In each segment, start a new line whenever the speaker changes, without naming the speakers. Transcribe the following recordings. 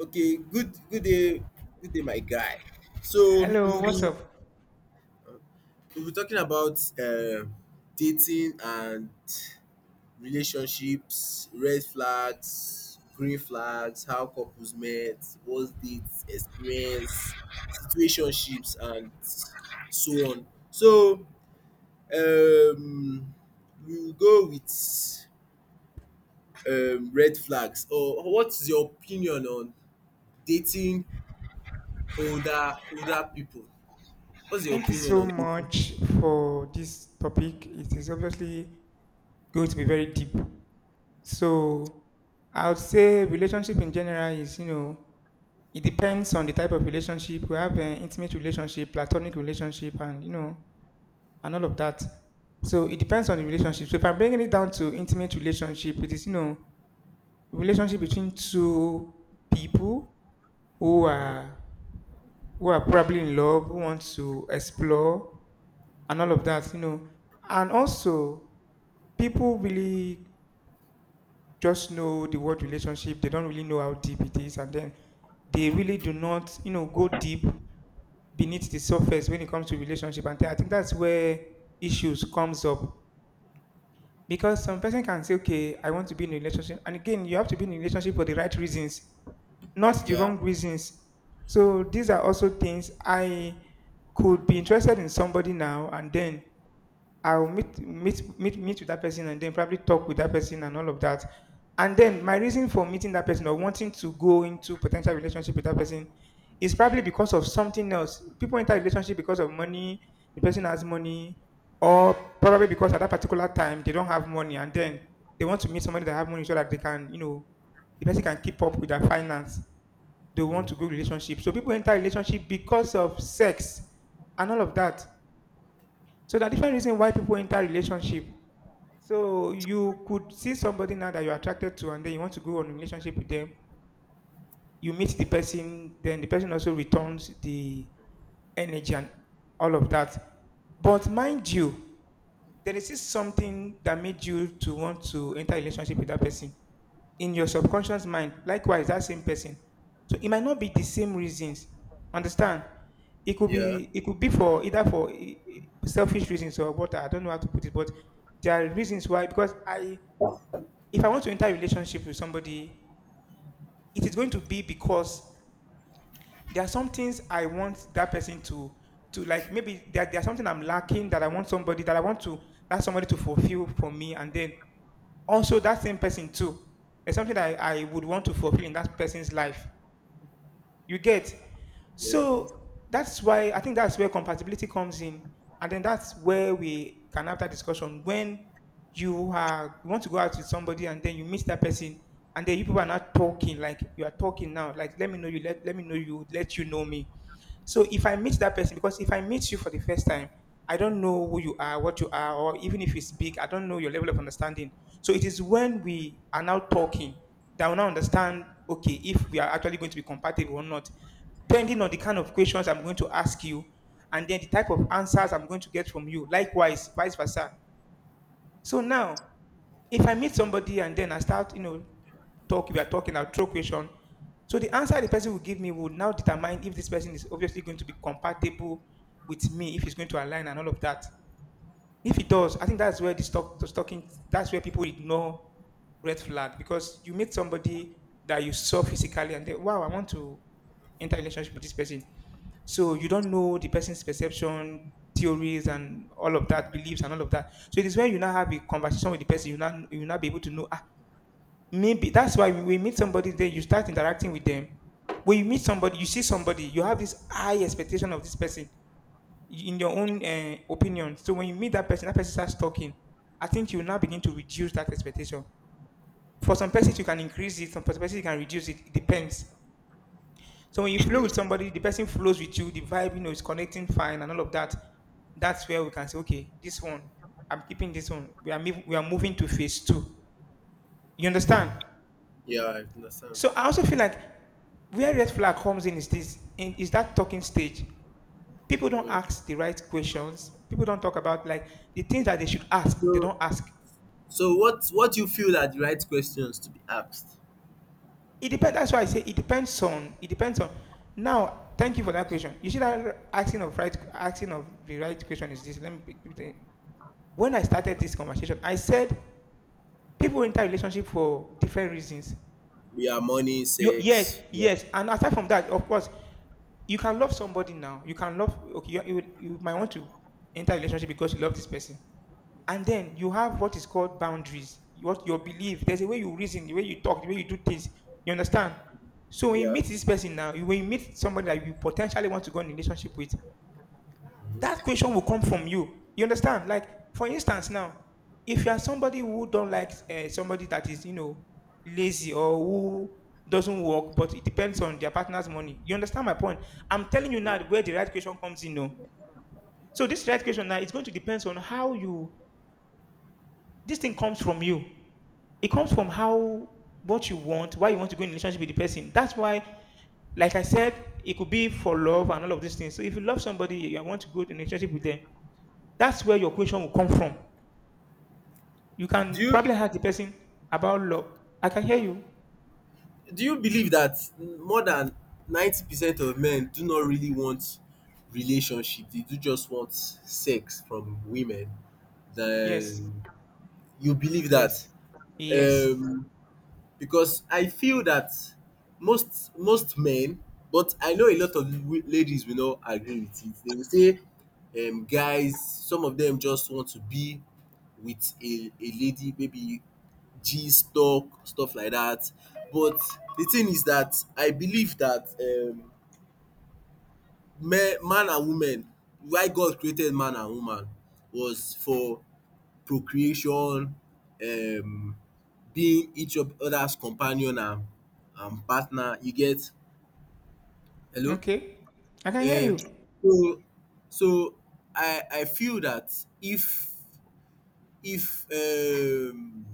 Okay, Good day, good day, my guy. So
Hello,
we'll
what's
be
up?
we'll be talking about dating and relationships, red flags, green flags, how couples met, what's dates, experience, situationships, and so on. So um, we'll go with red flags. Or what's your opinion on dating older people? What's your
Thank you
opinion
so
on this?
much for this topic. It is obviously going to be very deep. So, I would say relationship in general is, it depends on the type of relationship. We have an intimate relationship, platonic relationship, and, and all of that. So, it depends on the relationship. So, if I'm bringing it down to intimate relationship, it is, relationship between two people who
Hmm.
are who are probably in love, who want to explore and all of that, you know. And also, people really just know the word relationship. They don't really know how deep it is, and then they really do not, go deep beneath the surface when it comes to relationship. And I think that's where issues comes up because some person can say, "Okay, I want to be in a relationship," and again, you have to be in a relationship for the right reasons, not the
Yeah,
wrong reasons. So these are also things. I could be interested in somebody now, and then I'll meet with that person and then probably talk with that person and all of that. And then my reason for meeting that person or wanting to go into potential relationship with that person is probably because of something else. People enter a relationship because of money, the person has money, or probably because at that particular time they don't have money and then they want to meet somebody that have money so that they can, the person can keep up with their finance. They want to go relationship. So people enter relationship because of sex and all of that. So there are different reasons why people enter relationship. So you could see somebody now that you're attracted to, and then you want to go on a relationship with them. You meet the person, then the person also returns the energy and all of that. But mind you, there is still something that made you to want to enter a relationship with that person in your subconscious mind. Likewise, that same person. So it might not be the same reasons. Understand? It could
yeah,
be it could be for either for selfish reasons or what. I don't know how to put it, but there are reasons why. Because I, if I want to enter a relationship with somebody, it is going to be because there are some things I want that person to like maybe there's something I'm lacking that I want somebody that I want to that somebody to fulfill for me and then also that same person too. It's something that I would want to fulfill in that person's life. You get?
yeah,
So that's why I think that's where compatibility comes in. And then that's where we can have that discussion. When you want to go out with somebody and then you meet that person and then you people are not talking like you are talking now. Like let me know you, let me know you, let you know me. So if I meet that person, because if I meet you for the first time, I don't know who you are, what you are, or even if you speak, I don't know your level of understanding. So it is when we are now talking that will now understand okay if we are actually going to be compatible or not, depending on the kind of questions I'm going to ask you and then the type of answers I'm going to get from you likewise vice versa. So now if I meet somebody and then I start, talk. We are talking, I'll throw question. So the answer the person will give me will now determine if this person is obviously going to be compatible with me, if he's going to align and all of that. If it does, I think that's where the stalking that's where people ignore red flag because you meet somebody that you saw physically and then wow, I want to enter a relationship with this person. So you don't know the person's perception, theories and all of that, beliefs and all of that. So it is where you now have a conversation with the person, you now be able to know ah, maybe that's why we meet somebody, then you start interacting with them. When you meet somebody, you see somebody, you have this high expectation of this person in your own opinion. So when you meet that person starts talking. I think you will now begin to reduce that expectation. For some persons, you can increase it. Some persons, you can reduce it. It depends. So when you flow with
mm,
somebody, the person flows with you. The vibe, you know, is connecting fine and all of that. That's where we can say, okay, this one, I'm keeping this one. We are we are moving to phase two. You understand?
yeah. I understand.
So I also feel like where red flag comes in is is that talking stage people don't
Mm.
ask the right questions. People don't talk about like the things that they should ask. They
So,
don't ask.
so, what do you feel are the right questions to be asked?
It depends. That's why I say it depends on. It depends on. Now, thank you for that question. You see that asking of right, asking of the right question is this. Pick the- When I started this conversation, I said people enter relationship for different reasons.
We are money,
Yes,
sex. Yeah,
yes, and aside from that, of course, you can love somebody now. You can love. Okay, you might want to enter a relationship because you love this person. And then you have what is called boundaries, what your belief, there's a way you reason, the way you talk, the way you do things. You understand? So when you
yeah.
meet this person now, when you meet somebody that you potentially want to go in a relationship with, that question will come from you. You understand? Like for instance now, if you are somebody who don't like somebody that is, you know, lazy or who doesn't work but it depends on their partner's money. You understand my point? I'm telling you now where the right question comes in, no. So this right question now, it's going to depend on how you this thing comes from you. It comes from how what you want, why you want to go in a relationship with the person. That's why, like I said, it could be for love and all of these things. So if you love somebody, you want to go in a relationship with them. That's where your question will come from. You
Do
can
you
probably ask the person about love. I can hear you.
do you believe that more than 90% of men do not really want relationship? They do just want sex from women.
Yes.
Then you believe that.
Yes. Yes.
Um, because I feel that most men, but I know a lot of ladies will not agree with it. They will say, guys, some of them just want to be with a lady, maybe G stock, stuff like that. But the thing is that I believe that men, man and woman, why God created man and woman was for procreation, um being each of other's companion and partner, you get. Hello?
Okay. I can hear
um
you.
so so I feel dat. if if um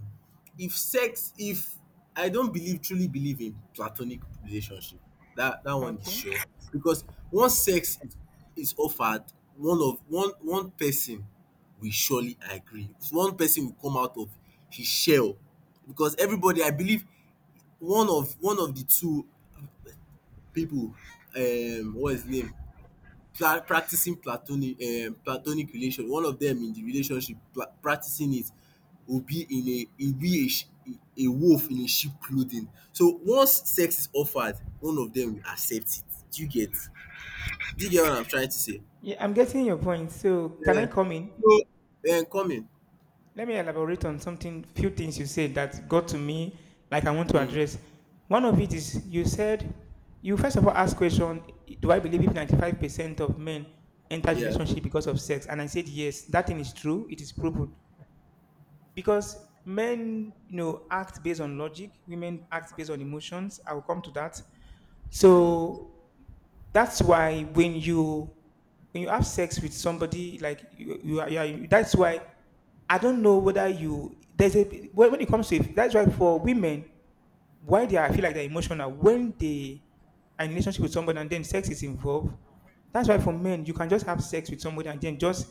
if sex if I don't believe, truly believe in platonic relationship, that one is
Okay.
sure, because
Okay.
once sex is offered, one of one one person will surely agree, one person will come out of his shell, because everybody, I believe, one of the two people, what's his name, pla practicing platonic platonic relation, one of them in the relationship practicing it, will be a wolf in a sheep clothing. So once sex is offered, one of them will accept it. Do you get? Do you get what I'm trying to say?
Yeah, I'm getting your point. So can I
Yeah.
come in?
So coming.
Let me elaborate on something, few things you said that got to me, like I want to
Mm.
address. One of it is you said, you first of all asked question, do I believe if 95% of men enter
Yeah.
relationship because of sex? And I said, yes, that thing is true. It is proven. Because men, you know, act based on logic. Women act based on emotions. I will come to that. So that's why when you have sex with somebody like you, you are that's why I don't know whether you there's a when it comes to that's why for women why they are, I feel like they're emotional when they are in a relationship with somebody and then sex is involved. That's why for men you can just have sex with somebody and then just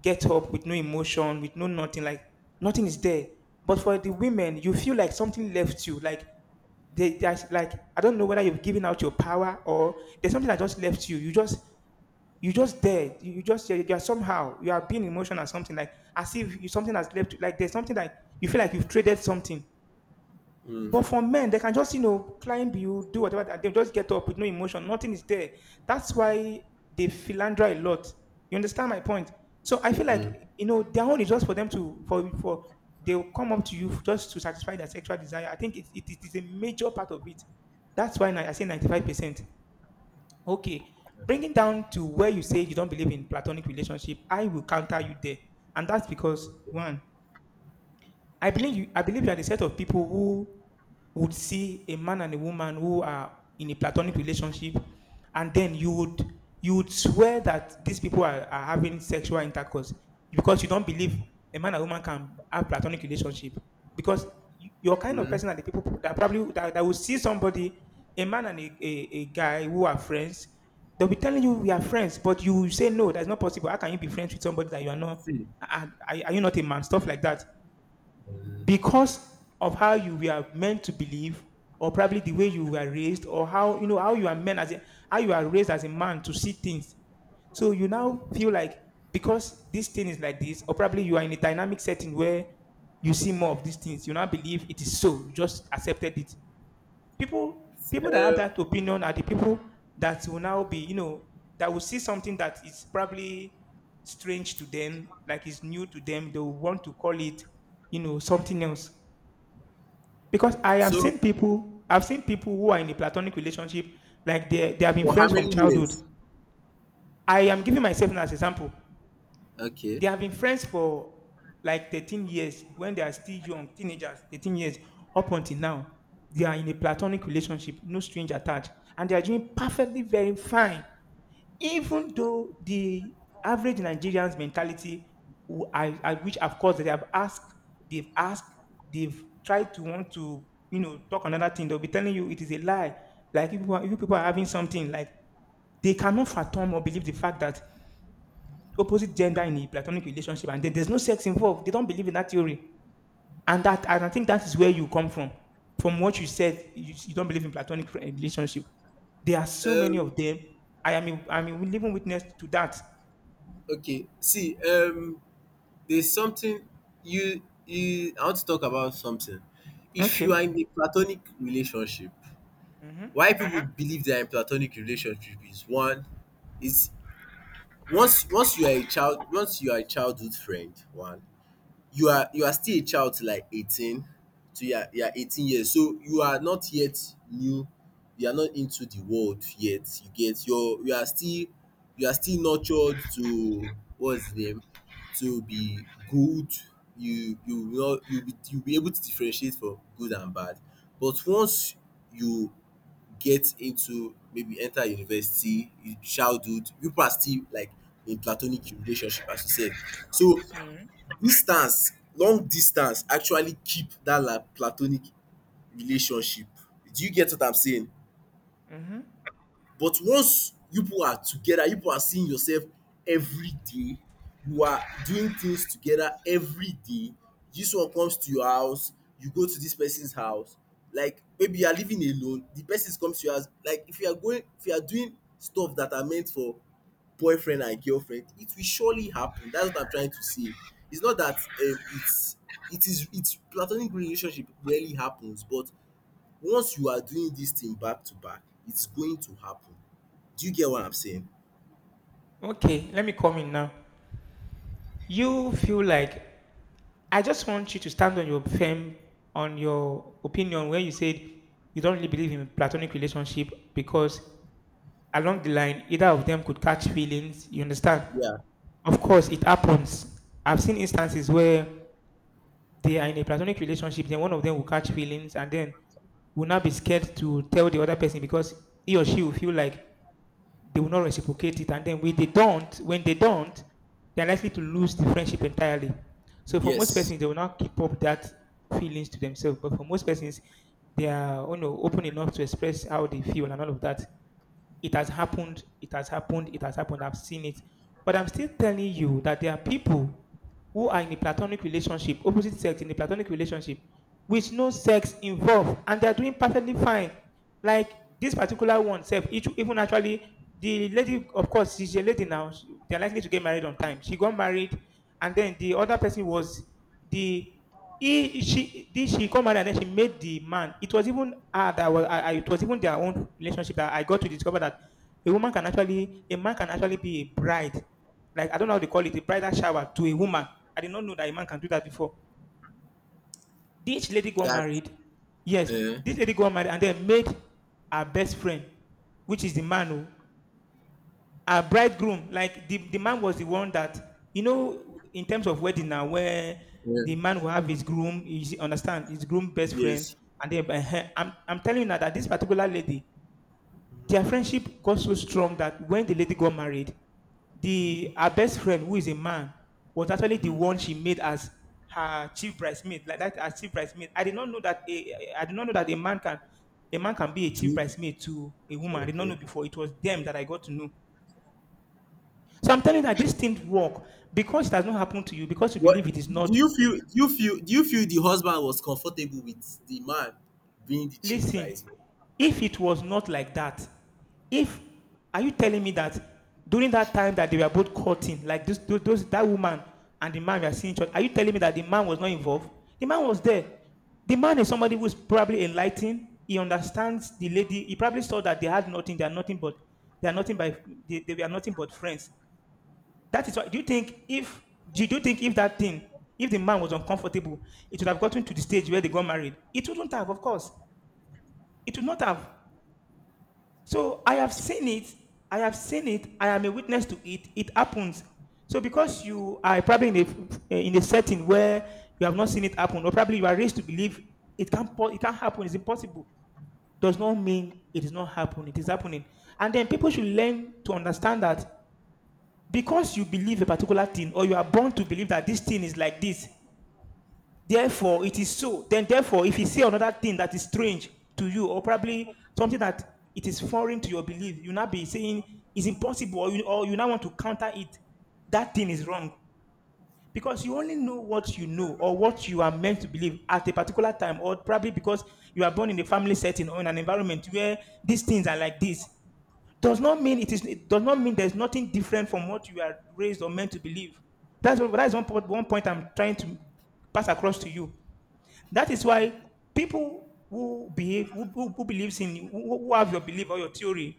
get up with no emotion, with no nothing, like nothing is there. But for the women you feel like something left you, like there's like I don't know whether you've given out your power or there's something that just left you. You just there. You're somehow you are being emotional or something, like as if something has left you. Like there's something that you feel like you've traded something.
Mm.
But for men, they can just, you know, climb you, do whatever, and they'll just get up with no emotion. Nothing is there. That's why they philander a lot. You understand my point? So I feel
Mm.
like, you know, their own is just for them to, they'll come up to you just to satisfy their sexual desire. I think it is a major part of it. That's why I say 95%. Okay. Bringing down to where you say you don't believe in platonic relationship, I will counter you there. And that's because,
Okay.
one, I believe you are the set of people who would see a man and a woman who are in a platonic relationship, and then you would swear that these people are having sexual intercourse because you don't
Mm.
believe a man and woman can have platonic relationship because you're kind of
Mhm.
person, that the people that probably that will see somebody, a man and a guy who are friends. They'll be telling you we are friends, but you say no, that's not possible. How can you be friends with somebody that you are not—
See,
are you not a man, stuff like that,
um
because of how you were meant to believe, or probably the way you were raised, or how, you know, how you are meant as a— how you are raised as a man to see things. So you now feel like because this thing is like this, or probably you are in a dynamic setting where you see more of these things, you now believe it is so, you just accepted it. people People that have
um
that opinion are the people that will now, be you know, that will see something that is probably strange to them, like it's new to them, they will want to call it, you know, something else. Because I have
so,
seen people, I've seen people who are in a platonic relationship, like they have been
for how
friends from
many
childhood.
years?
I am giving myself now as an example.
Okay.
They have been friends for like 13 years. When they are still young, teenagers, 13 years, up until now, they are in a platonic relationship, no strings attached, and they are doing perfectly very fine, even though the average Nigerian's mentality, who I which of course they have asked, they've tried to want to, you know, talk another thing. They'll be telling you it is a lie. Like if if you people are having something. Like they cannot fathom or believe the fact that opposite gender in a platonic relationship and then there's no sex involved. They don't believe in that theory. And I think that is where you come from. From what you said, you don't believe in relationship. There are so many
Um
of them. I'm a living witness to that.
okay, see. There's something, you I want to talk about something. If you are
Okay.
in a platonic relationship,
Mm-hmm.
why people, mm-hmm, believe they are in platonic relationship is one, is once once you are a child, once you are a childhood friend, one, you are still a child till like 18, so you are 18 years, so you are not yet new, you are not into the world yet, you get. You are still nurtured to, what's the name, to be good. You will not, you be able to differentiate for good and bad. But once you get into, maybe enter university, in childhood people are still, like, in platonic relationship, as you said. So,
Mm-hmm.
distance long distance actually keep that, like, platonic relationship. Do you get what I'm saying?
Mm-hmm.
But once you people are together, you people are seeing yourself every day, you are doing things together every day. This one comes to your house, you go to this person's house, like maybe you are living alone, the person comes to your house. Like, if you are doing stuff that are meant for boyfriend and girlfriend, it will surely happen. That's what I'm trying to say. It's not that, it's it is it's platonic relationship rarely happens, but once you are doing this thing back to back, it's going to happen. Do you get what I'm saying?
Okay, let me come in now. You feel like— I just want you to stand on your firm, on your opinion, where you said you don't really believe in platonic relationship, because along the line either of them could catch feelings. You understand?
Yeah.
Of course, it happens. I've seen instances where they are in a platonic relationship, then one of them will catch feelings, and then will not be scared to tell the other person because he or she will feel like they will not reciprocate it. And then when they don't, they're likely to lose the friendship entirely. So for most
Yes.
persons, they will not keep up that feelings to themselves. But for most persons, they are, you know, open enough to express how they feel and all of that. It has happened. It has happened. It has happened. I've seen it. But I'm still telling you that there are people who are in a platonic relationship, opposite sex in a platonic relationship, with no sex involved, and they are doing perfectly fine. Like this particular one, self, even actually, the lady, of course, she's a lady now. They're likely to get married on time. She got married, and then the other person was the— she got married and then she made the man. It was even that was, it was even their own relationship that I got to discover that a woman can actually, a man can actually be a bride. Like I don't know how they call it, a bridal shower to a woman. I did not know that a man can do that before. This lady got
That.
married. Yes,
Uh,
this lady got married and then made her best friend, which is the man. Who, a bridegroom, like the man was the one that, you know, in terms of wedding now, where
uh,
the man will have his groom, you see— understand, his groom best friend.
yes.
And then, I'm telling you now that this particular lady, their friendship got so strong that when the lady got married, the her best friend, who is a man, was actually the
Mm.
one she made as her chief bridesmaid, like that, as chief bridesmaid. I did not know that a man can— a man can be a chief
Do.
bridesmaid to a woman. I did not know
Okay.
before. It was them that I got to know. So I'm telling you that this thing work because it has not happened to you, because you believe
What
it is
do
not.
you feel? Do you feel? Do you feel the husband was comfortable with the man being the chief
Listen,
price?
if it was not like that, if— are you telling me that during that time that they were both courting, like this, those— that woman and the man we are seeing each other, are you telling me that the man was not involved? The man was there. The man is somebody who's probably enlightened. He understands the lady. He probably saw that they had nothing. They are nothing by they were nothing but friends. That is why. Do you think if that thing, if the man was uncomfortable, it would have gotten to the stage where they got married? It wouldn't have, of course. It would not have. So I have seen it. I have seen it. I am a witness to it. It happens. So because you are probably in a setting where you have not seen it happen, or probably you are raised to believe it can't happen. It's impossible. Does not mean it is not happening. It is happening. And then people should learn to understand that because you believe a particular thing, or you are born to believe that this thing is like this, therefore it is so. Then, therefore, if you see another thing that is strange to you, or probably something that it is foreign to your belief, you now be saying it's impossible, or or you now want to counter it. That thing is wrong. Because you only know what you know or what you are meant to believe at a particular time, or probably because you are born in a family setting or in an environment where these things are like this, does not mean it is— it does not mean there's nothing different from what you are raised or meant to believe. That's one point, one point I'm trying to pass across to you. That is why people who behave, who believes in who have your belief or your theory,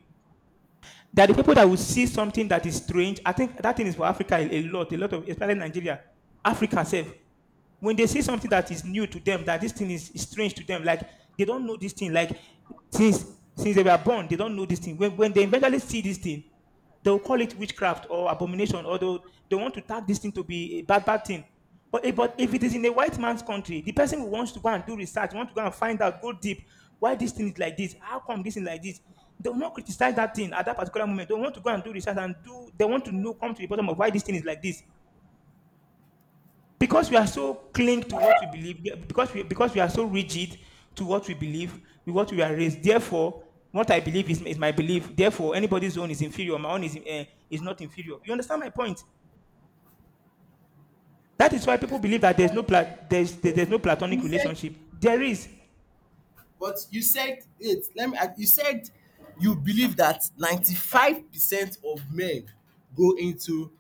that the people that will see something that is strange. I think that thing is for Africa, a lot of, especially Nigeria, Africa self. When they see something that is new to them, that this thing is strange to them, like they don't know this thing, like since they were born, they don't know this thing. When, they eventually see this thing, they'll call it witchcraft or abomination, or they want to tag this thing to be a bad, bad thing. But if it is in a white man's country, the person who wants to go and do research, want to go and find out, go deep, why this thing is like this, how come this thing like this, they will not criticize that thing at that particular moment. They want to go and do research and do, they want to know, come to the bottom of why this thing is like this, because we are so cling to what we believe, yeah, because we are so rigid to what we believe, with what we are raised. Therefore what I believe is my belief. Therefore anybody's own is inferior, my own is not inferior. You understand my point? That is why people believe that there's no platonic
You said,
relationship, there is
but you said it. Let me. You said you believe that 95% of men go into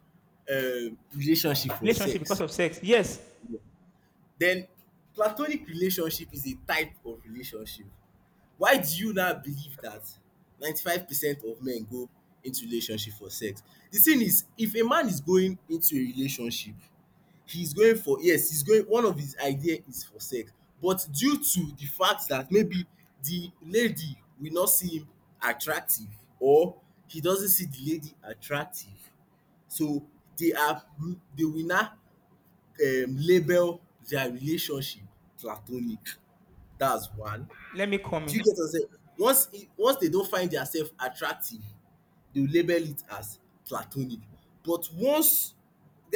relationship for
relationship because
sex.
of sex, yes.
Then platonic relationship is a type of relationship. Why do you now believe that 95 percent of men go into relationship for sex? The thing is, if a man is going into a relationship, he's going for, yes, he's going, one of his idea is for sex. But due to the fact that maybe the lady will not see him attractive, or he doesn't see the lady attractive, so, they are they will now, label their relationship platonic. That's one.
Let me come
Do
in.
you get what I'm saying? Once, once they don't find themselves attractive, they will label it as platonic. But once,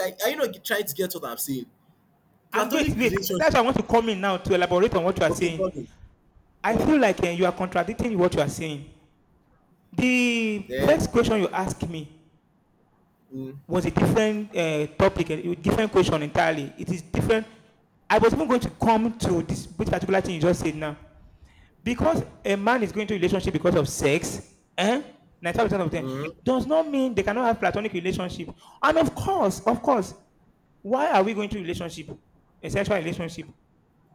are you not trying to get what I'm saying?
I'm great
Platonic
wait That's why I
relationship.
want to come in now to elaborate on what you are
Okay,
saying.
come in,
I
come
feel
in.
like, you are contradicting what you are saying. The
Then,
first question you asked me
mm,
was a different topic, a different question entirely. It is different. I was even going to come to this particular thing you just said now. Because a man is going to a relationship because of sex, eh? 95% of them
mm,
does not mean they cannot have platonic relationship. And of course, why are we going to a relationship, a sexual relationship?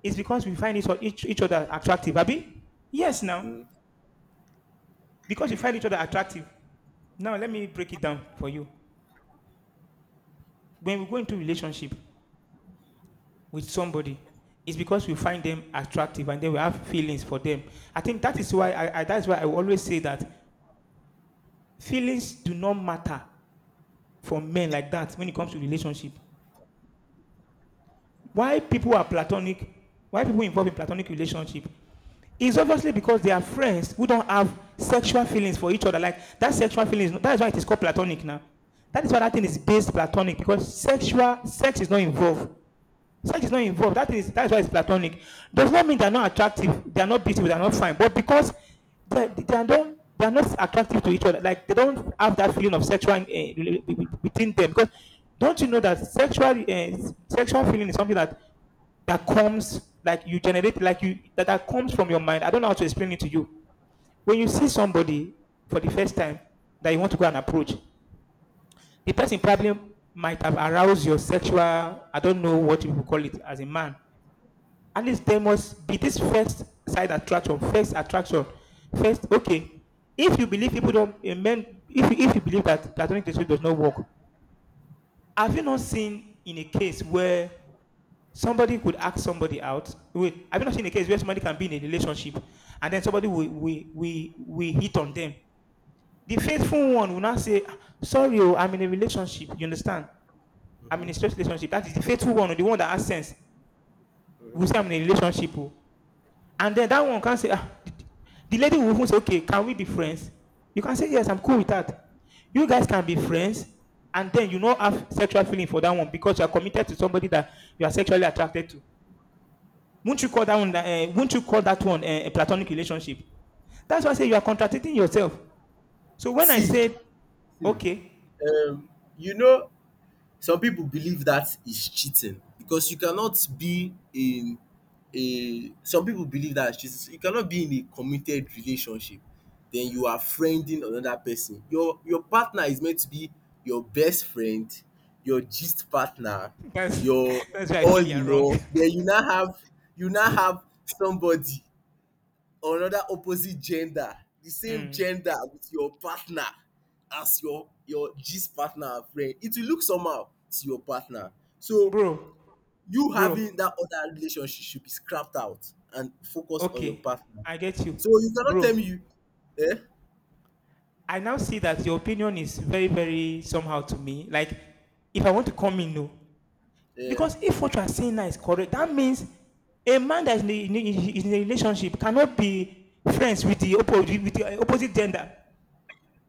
It's because we find each other attractive, Abby? Yes, now.
mm,
Because we find each other attractive. Now, let me break it down for you. When we go into a relationship, with somebody it's because we find them attractive and then we have feelings for them. I think that is why I that's why I always say that feelings do not matter for men like that when it comes to relationship. Why people are platonic, why people involved in platonic relationship is obviously because they are friends who don't have sexual feelings for each other. Like that sexual feelings, that is why it is called platonic now. That is why that thing is based platonic because sexual sex is not involved. Sex is not involved. That is that's why it's platonic. Does not mean they're not attractive, they are not beautiful, they're not fine, but because they do not they are not attractive to each other, like they don't have that feeling of sexual between them. Because don't you know that sexual sexual feeling is something that that comes like you generate like you that comes from your mind. I don't know how to explain it to you. When you see somebody for the first time that you want to go and approach, the person probably might have aroused your sexual I don't know what you call it as a man at least there must be this first side attraction, first attraction, first. Okay, if you believe people don't men, if you believe that platonic relationship does not work, have you not seen in a case where somebody could ask somebody out? Wait, have you not seen a case where somebody can be in a relationship and then somebody will we hit on them? The faithful one will not say, "Ah, sorry, oh, I'm in a relationship." You understand? I'm
mm-hmm,
in a straight relationship. That is the faithful one, or the one that has sense. Will say,
mm-hmm.
"I'm in a relationship." Oh. And then that one can say, ah, the lady will even say, okay, can we be friends? You can say, yes, I'm cool with that. You guys can be friends, and then you not have sexual feeling for that one because you are committed to somebody that you are sexually attracted to. Won't you call that one? Won't you call that one a platonic relationship? That's why I say you are contradicting yourself. So when I
see,
said,
see.
okay,
You know, some people believe that is cheating, because you cannot be in a, some people believe that is cheating, so you cannot be in a committed relationship, then you are friending another person, your partner is meant to be your best friend, your gist partner,
that's
your,
that's why I
all
feel you're
in
wrong,
all, then you now have somebody, or another opposite gender, the same
Mm.
gender with your partner, as your gist partner and friend, it will look somehow to your partner, so
Bro,
you
bro.
having that other relationship should be scrapped out and focus on your
Okay,
partner
I get you,
so you cannot tell me
bro.
you, eh
I now see that your opinion is very, very somehow to me. Like, if I want to come in, no.
eh
Because if what you are saying now is correct, that means a man that is in a relationship cannot be friends with the, oppo- with the opposite gender.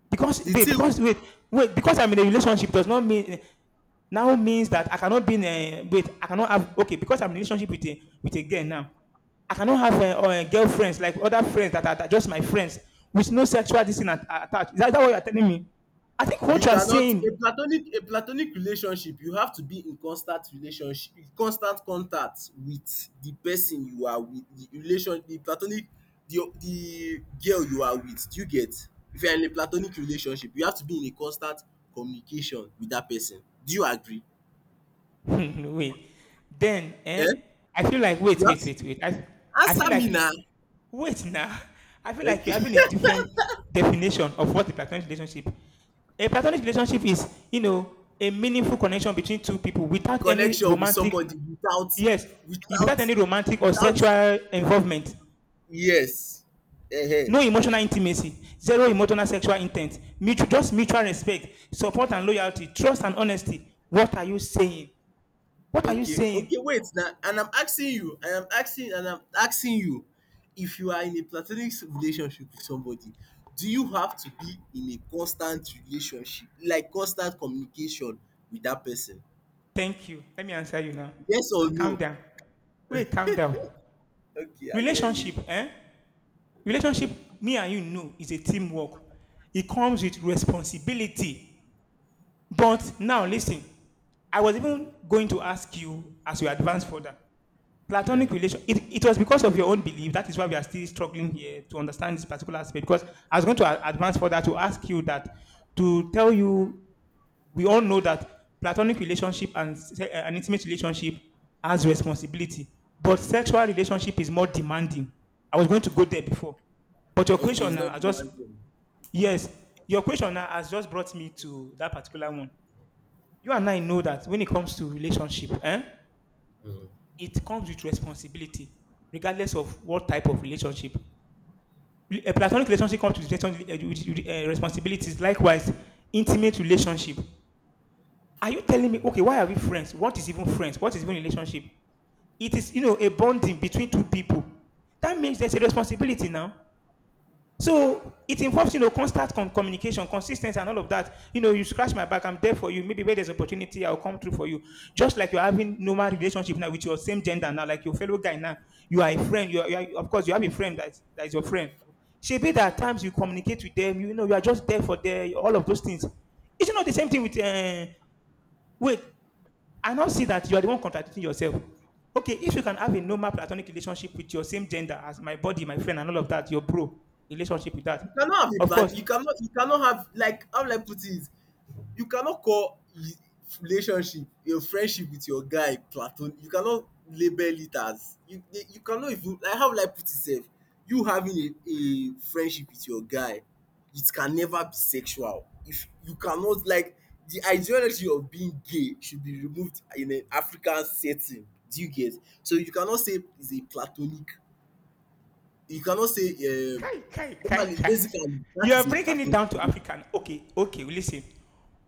Because
the
wait,
thing,
because wait, wait, because I'm in a relationship does not mean now means that I cannot be in a wait, I cannot have okay, because I'm in a relationship with a girl now. I cannot have a, or a girlfriends like other friends that are just my friends with no sexual this thing attached. Is that what you're telling me? I think what
you
you are
cannot. a
saying
platonic a platonic relationship, you have to be in constant relationship, constant contact with the person you are with, the relation the platonic, the girl you are with. Do you get? If you are in a platonic relationship, you have to be in a constant communication with that person. Do you agree?
wait. Then, eh?
eh
I feel like
you
wait,
have
wait,
to
wait, wait. I feel
answer
like
me
you
now.
wait now. I feel like you're
Okay?
having a different definition of what a platonic relationship. A platonic relationship is, you know, a meaningful connection between two people without any
Connection with
romantic,
somebody without
yes, without
without
any romantic or
without
sexual involvement.
Yes. Ehen.
No emotional intimacy, zero emotional sexual intent, mutual, just mutual respect, support and loyalty, trust and honesty. What are you saying? What are you
Okay,
saying?
okay, wait now. And I'm asking you, I am asking, and I'm asking you, if you are in a platonic relationship with somebody, do you have to be in a constant relationship, like constant communication with that person?
Thank you. Let me answer you now.
Yes or
Calm
no?
down. Wait, calm down.
Okay, I hear
Relationship,
you.
eh? Relationship, me and you know, is a teamwork. It comes with responsibility. But now, listen. I was even going to ask you as we advance further. Platonic
Yeah.
relation. It was because of your own belief. That is why we are still struggling here to understand this particular aspect. Because I was going to a- advance further to ask you that to tell you we all know that platonic relationship and an intimate relationship has responsibility, but sexual relationship is more demanding. I was going to go there before, but your
Okay,
question
it's not
now, I just
demanding.
yes, your question now has just brought me to that particular one. You and I know that when it comes to relationship, eh,
Mm.
it comes with responsibility, regardless of what type of relationship. A platonic relationship comes with, eh, responsibilities. Likewise, intimate relationship Are you telling me, okay, why are we friends? What is even friends? What is even relationship? It is, you know, a bonding between two people. That means there's a responsibility now. So it involves, you know, constant communication, consistency, and all of that. You know, you scratch my back, I'm there for you. Maybe where there's opportunity, I'll come through for you. Just like you're having normal relationship now with your same gender now, like your fellow guy now. You are a friend. You are- of course, you have a friend that is your friend. Should be that at times you communicate with them. You know, you are just there for them. All of those things. It's not the same thing with wait? I now see that you are the one contradicting yourself. Okay, if you can have a normal platonic relationship with your same gender as my body, my friend, and all of that, your bro relationship with that,
You cannot have a
of
plan.
course.
You cannot. You cannot have, like, how will I put it? You cannot call relationship your friendship with your guy platon. You cannot label it as you. You cannot even, like, how will I put it? Sef, you having a friendship with your guy, it can never be sexual. If you cannot, like, the ideology of being gay should be removed in an African setting. Do you get? So you cannot say it's a platonic, you cannot say, um,
Kai, kai, kai,
normally
kai.
basic, and that
You are
is a
breaking it
platonic
down to
relationship.
African. Okay, okay, well, listen.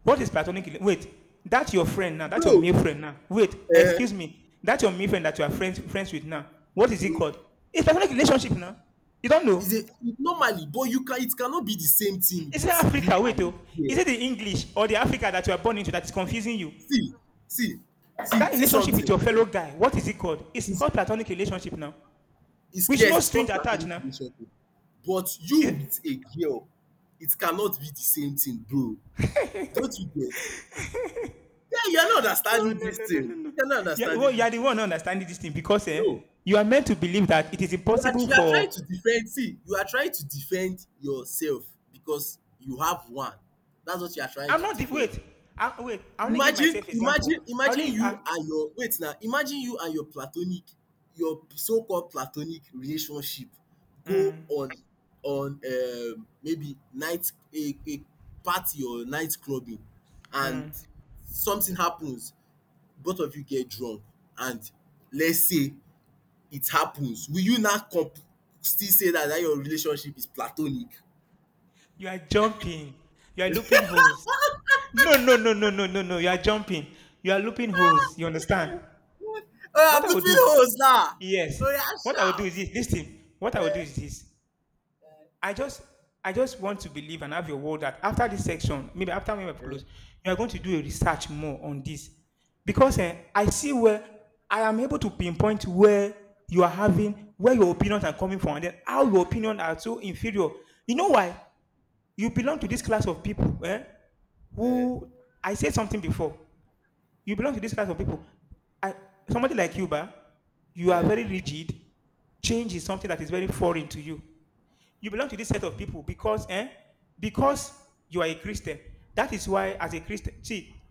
What is platonic? Wait, that's your friend now. That's your
Bro,
male friend now. Wait, excuse me. That's your male friend that you are friends with now. What is it
um,
called? It's platonic relationship now. You don't know.
is a normally, but you can it cannot be the same thing
Is it
with you
Africa? Wait,
and
oh.
a
Is
girl.
it the English or the Africa that you are born into that is confusing you?
See, see, see,
That
see
relationship with
something,
your fellow guy, what is it called? It's
is
called platonic relationship now,
is,
with
yes,
no
it's
strings
called
attached
platonic
now.
relationship, but you with
Eh,
a girl, it cannot be the same thing, bro. Don't you get? Yeah, you are not
no,
understanding
no,
this
no, no, no,
thing.
no.
You are not
You are, the
understanding
one-
this
you are the
thing.
one understanding this thing because
No.
you are meant to believe that it is
You are
impossible
you are
for.
trying to defend, see, you are trying to defend yourself, because you have one. That's what you are trying
I'm
to
not the
defend.
wait. I, wait, I only give
Imagine
myself example.
imagine
I
imagine
only. I,
you and your, wait now, imagine you and your platonic your so-called platonic relationship, go
mm,
on maybe night, a party, or night clubbing, and something happens, both of you get drunk, and let's say it happens, will you now still say that your relationship is platonic?
you are jumping. You are looping holes. No, no, no, no, no, no, no. You are jumping. You are looping holes. You understand?
Oh,
What
I'm
I will
looking
do?
holes now.
Yes.
Oh,
What
yeah,
I will do
sharp.
is this. Listen. What I will do
Eh,
is this. I just I just want to believe and have your word that after this section, maybe after we have
eh,
closed, you are going to do a research more on this. Because
eh,
I see where I am able to pinpoint where you are having, where your opinions are coming from, and then how your opinions are so inferior. You know why? You belong to this class of people
eh,
who, I said something before, you belong to this class of people. I, somebody like you, ba, you are
eh.
very rigid. Change is something that is very foreign to you you belong to this set of people because, eh? Because you are a Christian. That is why, as a Christian, see,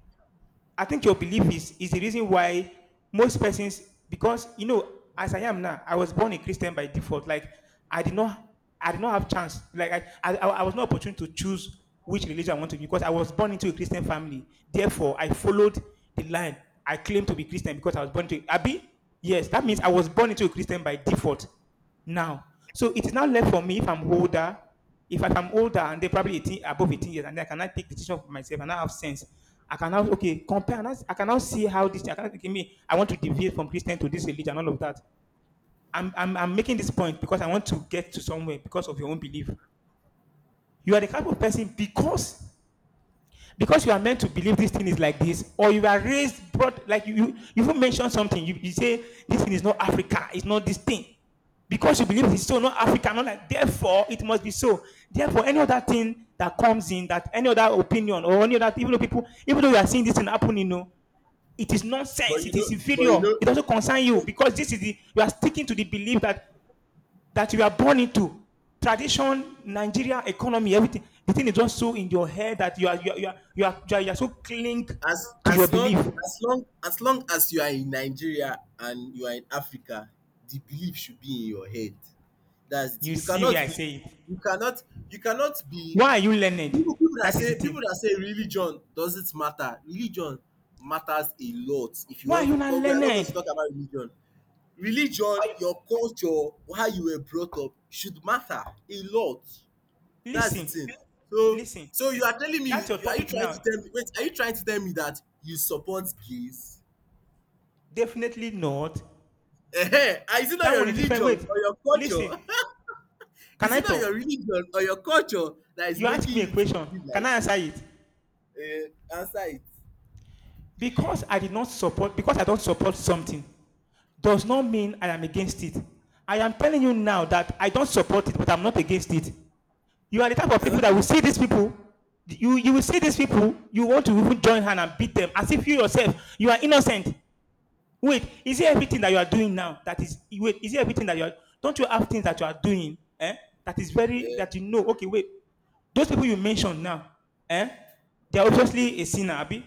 I think your belief is the reason why most persons because you know as I am now I was born a Christian by default like I did not I did not have chance like I was not opportune to choose which religion I want to be because I was born into a Christian family therefore I followed the line I claim to be Christian because I was born to Abi yes that means I
Mm,
was born into a Christian by default now so it is now left for me if I'm older and they probably 18, above 18 years, and I cannot take decision for myself, and I have sense, I cannot okay compare. And I cannot see how this. I cannot give me. I want to deviate from Christian to this religion, and all of that. I'm making this point because I want to get to somewhere because of your own belief. You are the type of person because you are meant to believe this thing is like this, or you are raised, brought like you even mentioned something. You say this thing is not Africa, it's not this thing, because you believe it's
mhm.
so not Africa, not like therefore it must be so. Therefore, any other thing that comes in, that any other opinion or any other, even though people, even though you are seeing this thing happen, it is
But
nonsense.
you
It
know,
is
but you
inferior. It
know,
doesn't concern you because this is the you are sticking to the belief that you are born into. Tradition, Nigeria, economy, everything. The thing is just so in your head that you are you are, you are, you are, you are, you are so cling
as
to your
as long
belief.
as long as long as you are in Nigeria and you are in Africa, the belief should be in your head. That's it.
You
You
see where
cannot
I
be,
say it.
you cannot, you cannot be,
Why are you learned? That is the
People
thing.
that say religion doesn't matter. Religion matters a lot if you
Why are
want,
you not
but we are not going to
learned?
talk about religion. Religion,
you-
your culture, how you were brought up should matter a lot. That's the
Listen,
thing. So
listen.
so you are telling me,
That's your
you are, you
topic
trying to
now.
tell me, wait, are you trying to tell me that you support gays?
Definitely not.
Ehen, ah, is it not
That
your
one is different.
religion
Wait,
or your
listen.
culture?
Can
Is
I
it not
talk?
your religion or your culture that is
You ask
making
me a
you to
question.
be
Can
like,
I answer it?
answer it.
Because I did not support. Because I don't support something, does not mean I am against it. I am telling you now that I don't support it, but I'm not against it. You are the type of
You are
people
not
that will see these people. You will see these people. You want to even join hand and beat them as if you yourself you are innocent. Wait, is it everything that you are doing now that is wait? Is it everything that you are? Don't you have things that you are doing? Eh, that is
a,
very that you know. Okay, wait. Those people you mentioned now, eh? They are
eh.
obviously a sinner, Abi.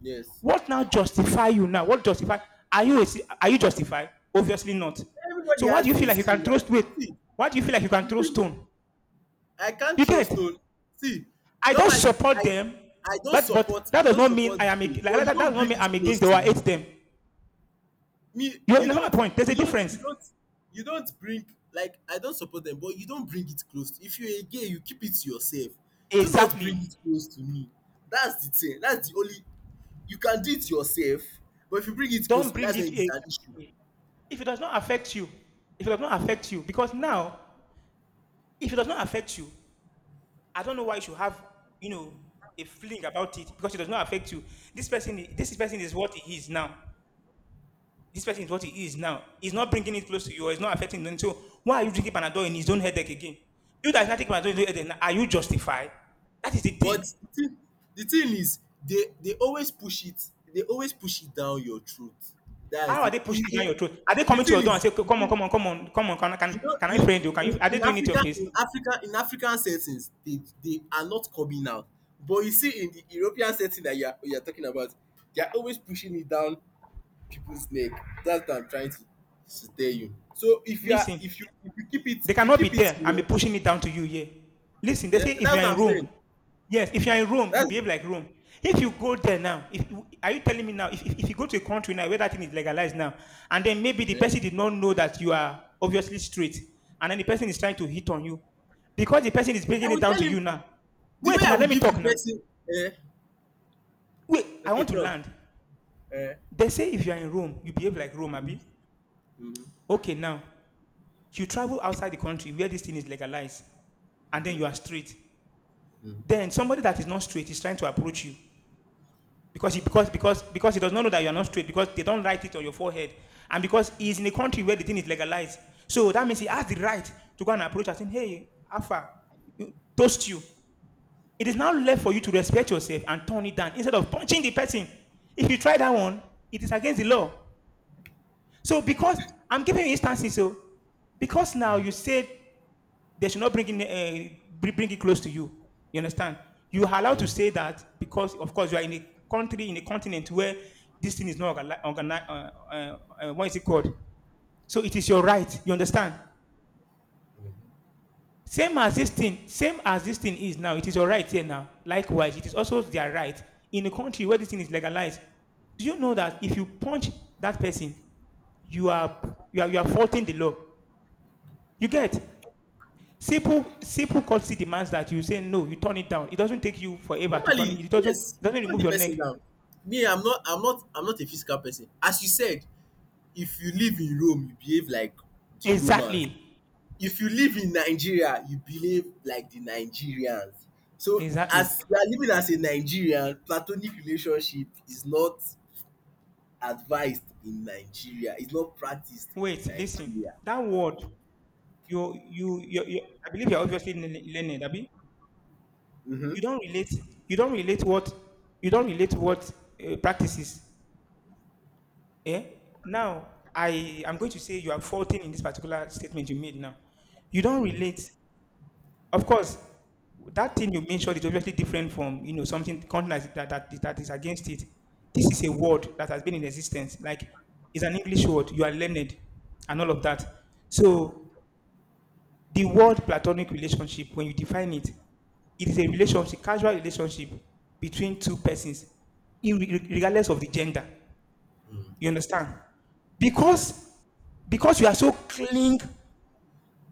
Yes.
What now justify you now? What justify? Are you justified? Obviously not. So
Everybody
why do you
has
feel
a
like you can throw
sinner.
weight?
See,
Why do you feel like you can throw
see,
stone?
I can't
You
throw
get?
stone. See,
I don't
normally,
support them, but that
I
does
don't
not mean
support
I am like,
gay, but you
that does
don't
not
bring
mean
it
I'm against
close
them or
to
I hate
me.
them.
Me,
You understand my point? There's a
you don't
difference.
you don't you don't bring, like, I don't support them, but you don't bring it close. To, if you're a gay, you keep it to yourself. Do not bring
Exactly.
it close to me. That's the thing. That's the only, you can do it yourself, but if you bring it close
Don't
to me,
bring
that's
it.
when it's an issue.
Exactly. If it does not affect you, if it does not affect you, because now if it does not affect you, I don't know why you should have, you know, a feeling about it because it does not affect you. This person is what he is now. This person is what he is now. He's not bringing it close to you. Or it's not affecting them. So why are you drinking Panadol in his own headache again? You that is not taking Panadol in his own headache, are you justified? That is the
But
thing.
the thing is, they always push it, they always push it down your throat. That's
How
the
are they pushing
it,
it down your
it,
throat? Are they
the
coming to your
thing
door and
is
say,
the
"Come on,
thing
come on, come on, come on?
you know
Can I
you know
friend you? Can you?"
in
Are they
in
doing it to your
Africa,
face?
in African settings, they are not coming out. But you see, in the European setting that you are talking about, they are always pushing it down people's neck. That's what I'm trying to tell you. So if you are
Listen,
if you
they
if you
cannot be
keep it
there
in
and be
your…
pushing it down to you here. Listen, they
Yeah,
say if
that's
you are
what
in
I'm
Rome,
saying.
yes, if you are in Rome, you
That's
behave like Rome. If you go there now, if you, are you telling me now, if, you go to a country now where that thing is legalized now, and then maybe the
yeah.
person did not know that you are obviously straight, and then the person is trying to hit on you, because the person is bringing
I
it
will
down
tell
to
him.
you now.
The way
Wait
I
now,
will
let me
give
talk
the
now.
person, eh,
Wait, I
okay,
want to
talk.
land.
Eh.
They say if you are in Rome, you behave like Rome,
Mhm,
Abi.
mhm,
Okay, now you travel outside the country where this thing is legalized, and then
mhm,
you are straight.
mhm,
Then somebody that is not straight is trying to approach you. Because he does not know that you are not straight, because they don't write it on your forehead. And because he is in a country where the thing is legalized. So that means he has the right to go and approach and say, hey, Alpha, toast you. It is now left for you to respect yourself and turn it down instead of punching the person. If you try that one, it is against the law. So because I'm giving you instances, so because now
mhm,
you said they should not bring it close to you. You understand? You are allowed to
mhm.
say that because, of course, you are in a country in a continent where this thing is not organized. What is it called? So it is your right. You understand? Same as this thing, same as this thing is now. It is your right here now. Likewise, it is also their right in a country where this thing is legalized. Do you know that if you punch that person, you are you are faulting the law? You get? Simple, simple courtesy demands that you say no, you turn it down. It doesn't take you forever to turn
Normally,
it.
yes,
It
you
doesn't
turn
remove
the
your
person
neck.
down. Me, I'm not a physical person. As you said, if you live in Rome, you behave like the Romans.
Exactly.
If you live in Nigeria, you behave like the Nigerians. So
Exactly.
as you are living as a Nigerian, platonic relationship is not advised in Nigeria. It's not practiced
Wait,
in
listen.
Nigeria.
That word, you I believe you're obviously learned, Abi. You
Mhm.
don't relate, you don't relate what, you don't relate what practices. Eh? Now, I am going to say you are faulting in this particular statement you made now. You don't
Mm,
relate Of course, that thing you mentioned is obviously different from you know something content that is against it. This is a word that has been in existence, like it's an English word. You are learned, and all of that. So the word platonic relationship, when you define it, it is a relationship, casual relationship between two persons, regardless of the gender.
mm,
You understand?
yeah.
Because because you are so cling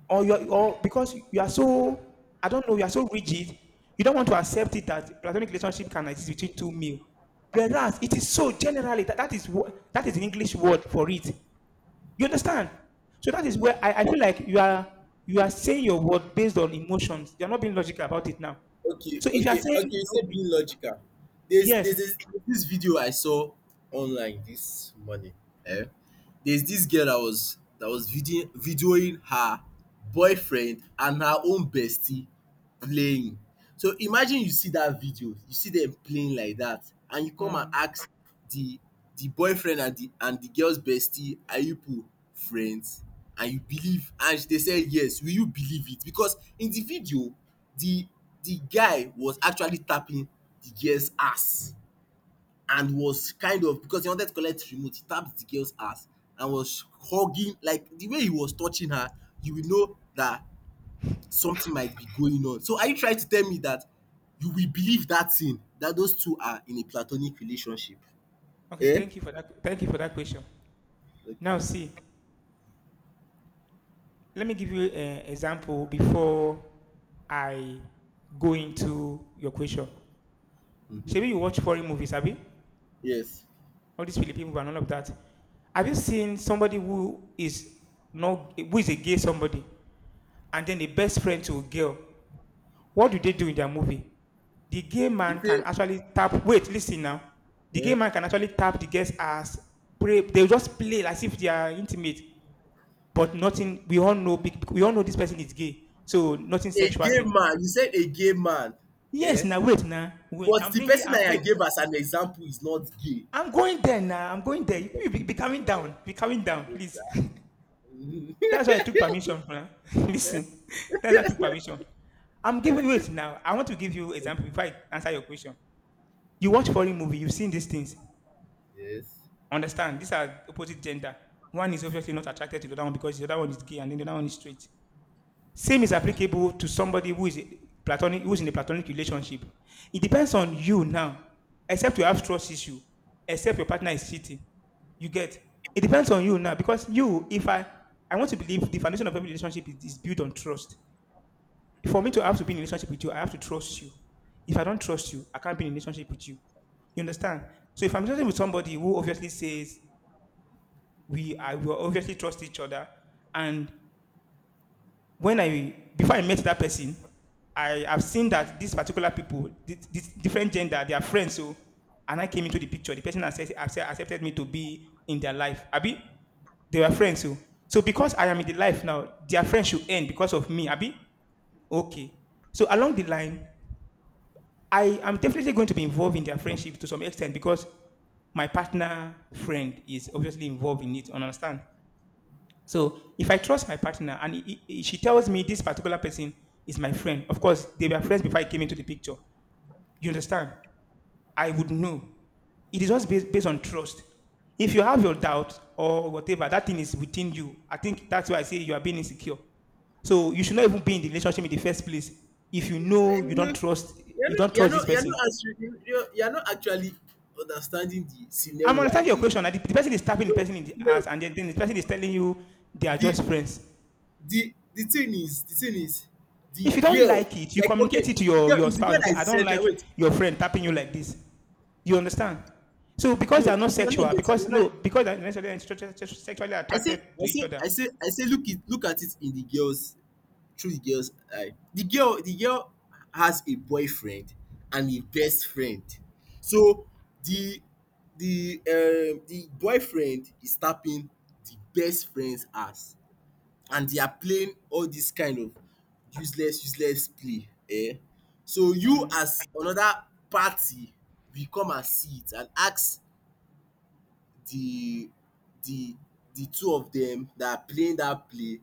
or because you are so I don't know you are so rigid, you don't want to accept it that platonic relationship can exist between two male. Whereas it is so generally that is what that is an English word for it. You understand? So that is
Mm.
where I feel like you are saying your word based on emotions. You are not being logical about it now.
Okay,
So if you are
okay,
saying
okay. You said
okay,
being logical. There's, there's,
yes,
this- this video I saw online this morning. Eh? There's this girl that was videoing her boyfriend and her own bestie playing. So imagine you see that video, you see them playing like that, and you come and
mm,
ask the boyfriend and the girl's bestie, are you people friends? And you believe, and they said yes. Will you believe it? Because in the video, the the guy was actually tapping the girl's ass and was kind of, because he wanted to collect the remote, he tapped the girl's ass and was hugging, like the way he was touching her, you will know that something might be going on. So are you trying to tell me that you will believe that thing, that those two are in a platonic relationship?
okay,
Eh?
thank you for that. Thank you for that question. Now
Okay.
see, let me give you an example before I go into your question.
Mm-hmm.
Maybe you watch foreign movies, have you?
Yes.
All these Philippine movies and all of that. Have you seen somebody who is not who is a gay somebody, and then the best friend to a girl? What do they do in their movie? The gay
You
man can
say,
actually tap. Wait, listen now. The gay
eh?
man can actually tap the girl's ass. Pray. They just play as if they are intimate, but nothing. We all know. We all know this person is gay, so nothing
A
sexual
gay
there.
man. You said a gay man.
Yes,
Eh?
now wait, now wait.
But
I'm
the
thinking.
person
I'm
that I gave
wait.
as an example is not gay.
I'm going there now. I'm going there.
Okay,
You
continue.
be calming
Eh,
down. Be calming down, please.
yes. Mhm.
That's why I took permission. Huh? Listen, that's why I took permission. I'm giving wait now. I want to give you example before I answer your question. You watch foreign movie. You've seen these things.
Yes.
Understand? These are opposite gender. One is obviously not attracted to the other one because the other one is gay and then the other one is straight. Same is applicable to somebody who is platonic, who is in a platonic relationship. It depends on you now. Except you have trust issue, except your partner is cheating. You get. It depends on you now because you, if I, I want to believe the foundation of every relationship is built on trust. For me to have to be in a relationship with you, I have to trust you. If I don't trust you, I can't be in a relationship with you. You understand? So if I'm talking with somebody who obviously says we obviously trust each other and when I before I met that person, I have seen that these particular people, this different gender, they are friends. So, and I came into the picture. The person accepted me to be in their life. Abi, they were friends. So, so because I am in the life now, their friends should end because of me. Abi, okay. So along the line, I am definitely going to be involved in their friendship to some extent because my partner friend is obviously involved in it. Understand? So if I trust my partner and she tells me this particular person is my friend, of course, they were friends before I came into the picture. You understand? I would know. It is just based on trust. If you have your doubt or whatever, that thing is within you. I think that's why I say you are being insecure. So you should not even be in the relationship in the first place if you know
Mhm. You're
you
not,
don't
you're
trust this
not, you're
person.
not answering. You're not actually understanding the
I'm
scenario I
understanding your
gave
question.
you.
Like the, person is tapping the
No,
person in
the
the
scenario.
ass, and then the person is telling you they are
The
just friends.
thing is, the
If you don't
girl.
like it, you
Like, okay,
communicate it to
it's the
your,
girl.
your
It's the
spouse
girl
and say,
that
I
is
don't
central.
like
Wait,
your friend tapping you like this. You understand? So because
no,
they are not
you're not
sexual,
getting.
because
You're not.
no, because they are necessarily sexually
I
attracted
say,
to
I
each
say,
other.
I say, I say. Look it. Look at it in the girls. Through the girl's eye. The girl, has a boyfriend and a best friend. So the boyfriend is tapping the best friend's ass, and they are playing all this kind of useless play, eh. So you, as another party, will come and see it and ask the the two of them that are playing that play,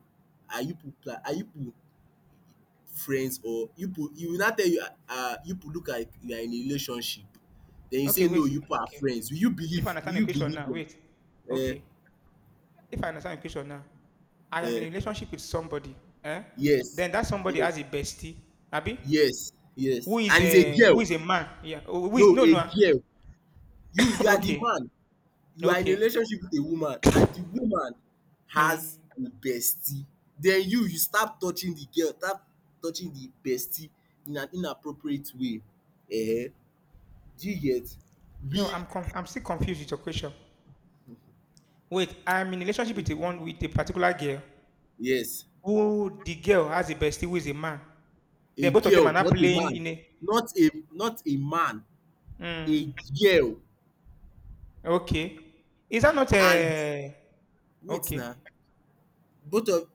are you people friends? Or you put, you will not tell you, uh, you put, look like you are in a relationship. Then you
Okay,
say, no,
wait.
you put are
Okay.
friends, will you
If I
believe, will
understand the
you
question
believe
now,
them?
wait.
Eh,
Okay. If I understand the question now, I am in a
eh,
relationship with somebody, eh?
yes
Then that somebody has
yes
a bestie, Abi, who
yes,
is
and it's a
a who
girl.
is a man, yeah. Oh, who is
No,
no
a
no.
girl. you you are the
Okay,
man. You are in a
okay.
relationship with a woman, and the woman has
Mm.
a bestie. Then you start touching the girl, start touching the bestie in an inappropriate way. Eh, do you get?
No,
We,
I'm con I'm still confused with your question. Wait, I'm in a relationship with a one with a particular girl
yes.
who the girl has a bestie who is a man.
A
Then both of them are
girl,
not
not a
playing
man.
in a
Not a not a man,
mm,
a girl.
okay. Is that not
And
a
wait now,
okay?
both of,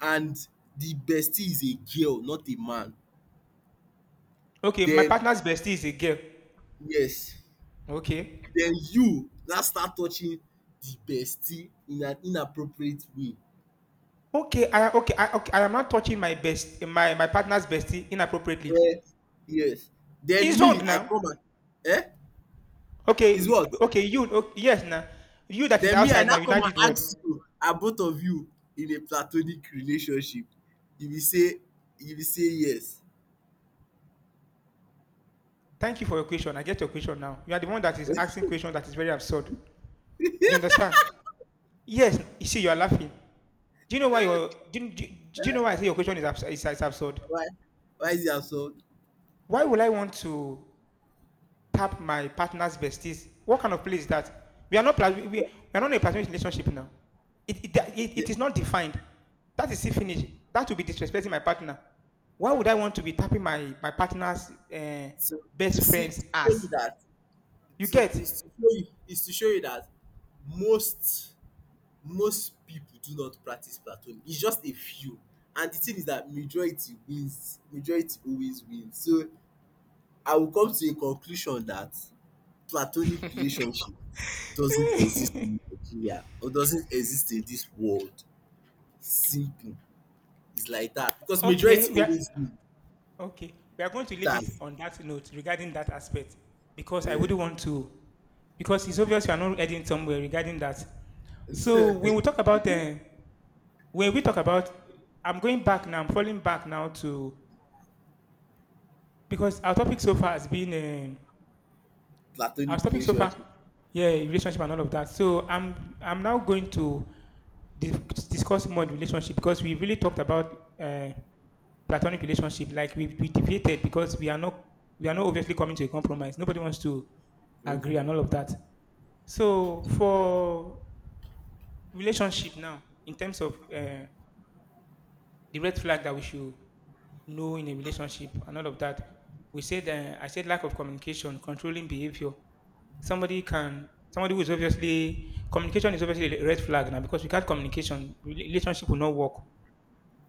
and the bestie is a girl, not a man.
Okay, my
Then
partner's bestie is a girl.
yes,
Okay.
then you now start touching the bestie in an inappropriate way.
Okay, I am not touching my partner's bestie inappropriately.
Eh, yes. Then
It's
me,
wrong
I
now.
come and, eh? Is what?
Okay, yes now. You that is
Then me, I
outside now,
now
you now
come
did
and
what?
ask you, are both of you in a platonic relationship? You be say you be say yes.
Thank you for your question. I get your question now. You are the one that is asking question that is very absurd. You understand? Yes, you see, you are laughing. Do you know why your do, you- do, you- do you know why I say your question is, is absurd?
why why is it that so
Why would I want to tap my partner's besties? What kind of play is that? We are not in a platonic relationship now. It, it, it,
the
it is not defined. That is it finished. That would be disrespecting my partner. Why would I want to be tapping my partner's
so to
best
see,
friend's ass? You
to
get?
is to show you is to show you that most, people do not practice platonic, it's just a few. And the thing is that majority wins, majority always wins. So I will come to a conclusion that platonic relationship doesn't exist in Nigeria, or doesn't exist in this world. Simple. It's like that, because
okay,
majority
we are
always win.
Okay, we are going to leave it
That's
on that note regarding that aspect because I
uh,
wouldn't want to, because it's obvious you are not heading somewhere regarding that. So when we talk about when we talk about, I'm going back now. I'm falling back now to because our topic so far has been our
platonic
topic so far,
relationship.
yeah, relationship and all of that. So I'm now going to dis- discuss more the relationship because we really talked about platonic relationship, like we debated because we are not obviously coming to a compromise. Nobody wants to agree and all of that. So for relationship now, in terms of the red flag that we should know in a relationship and all of that, we said I said lack of communication, controlling behavior. Somebody can somebody who is obviously Communication is obviously a red flag now because without communication, relationship will not work.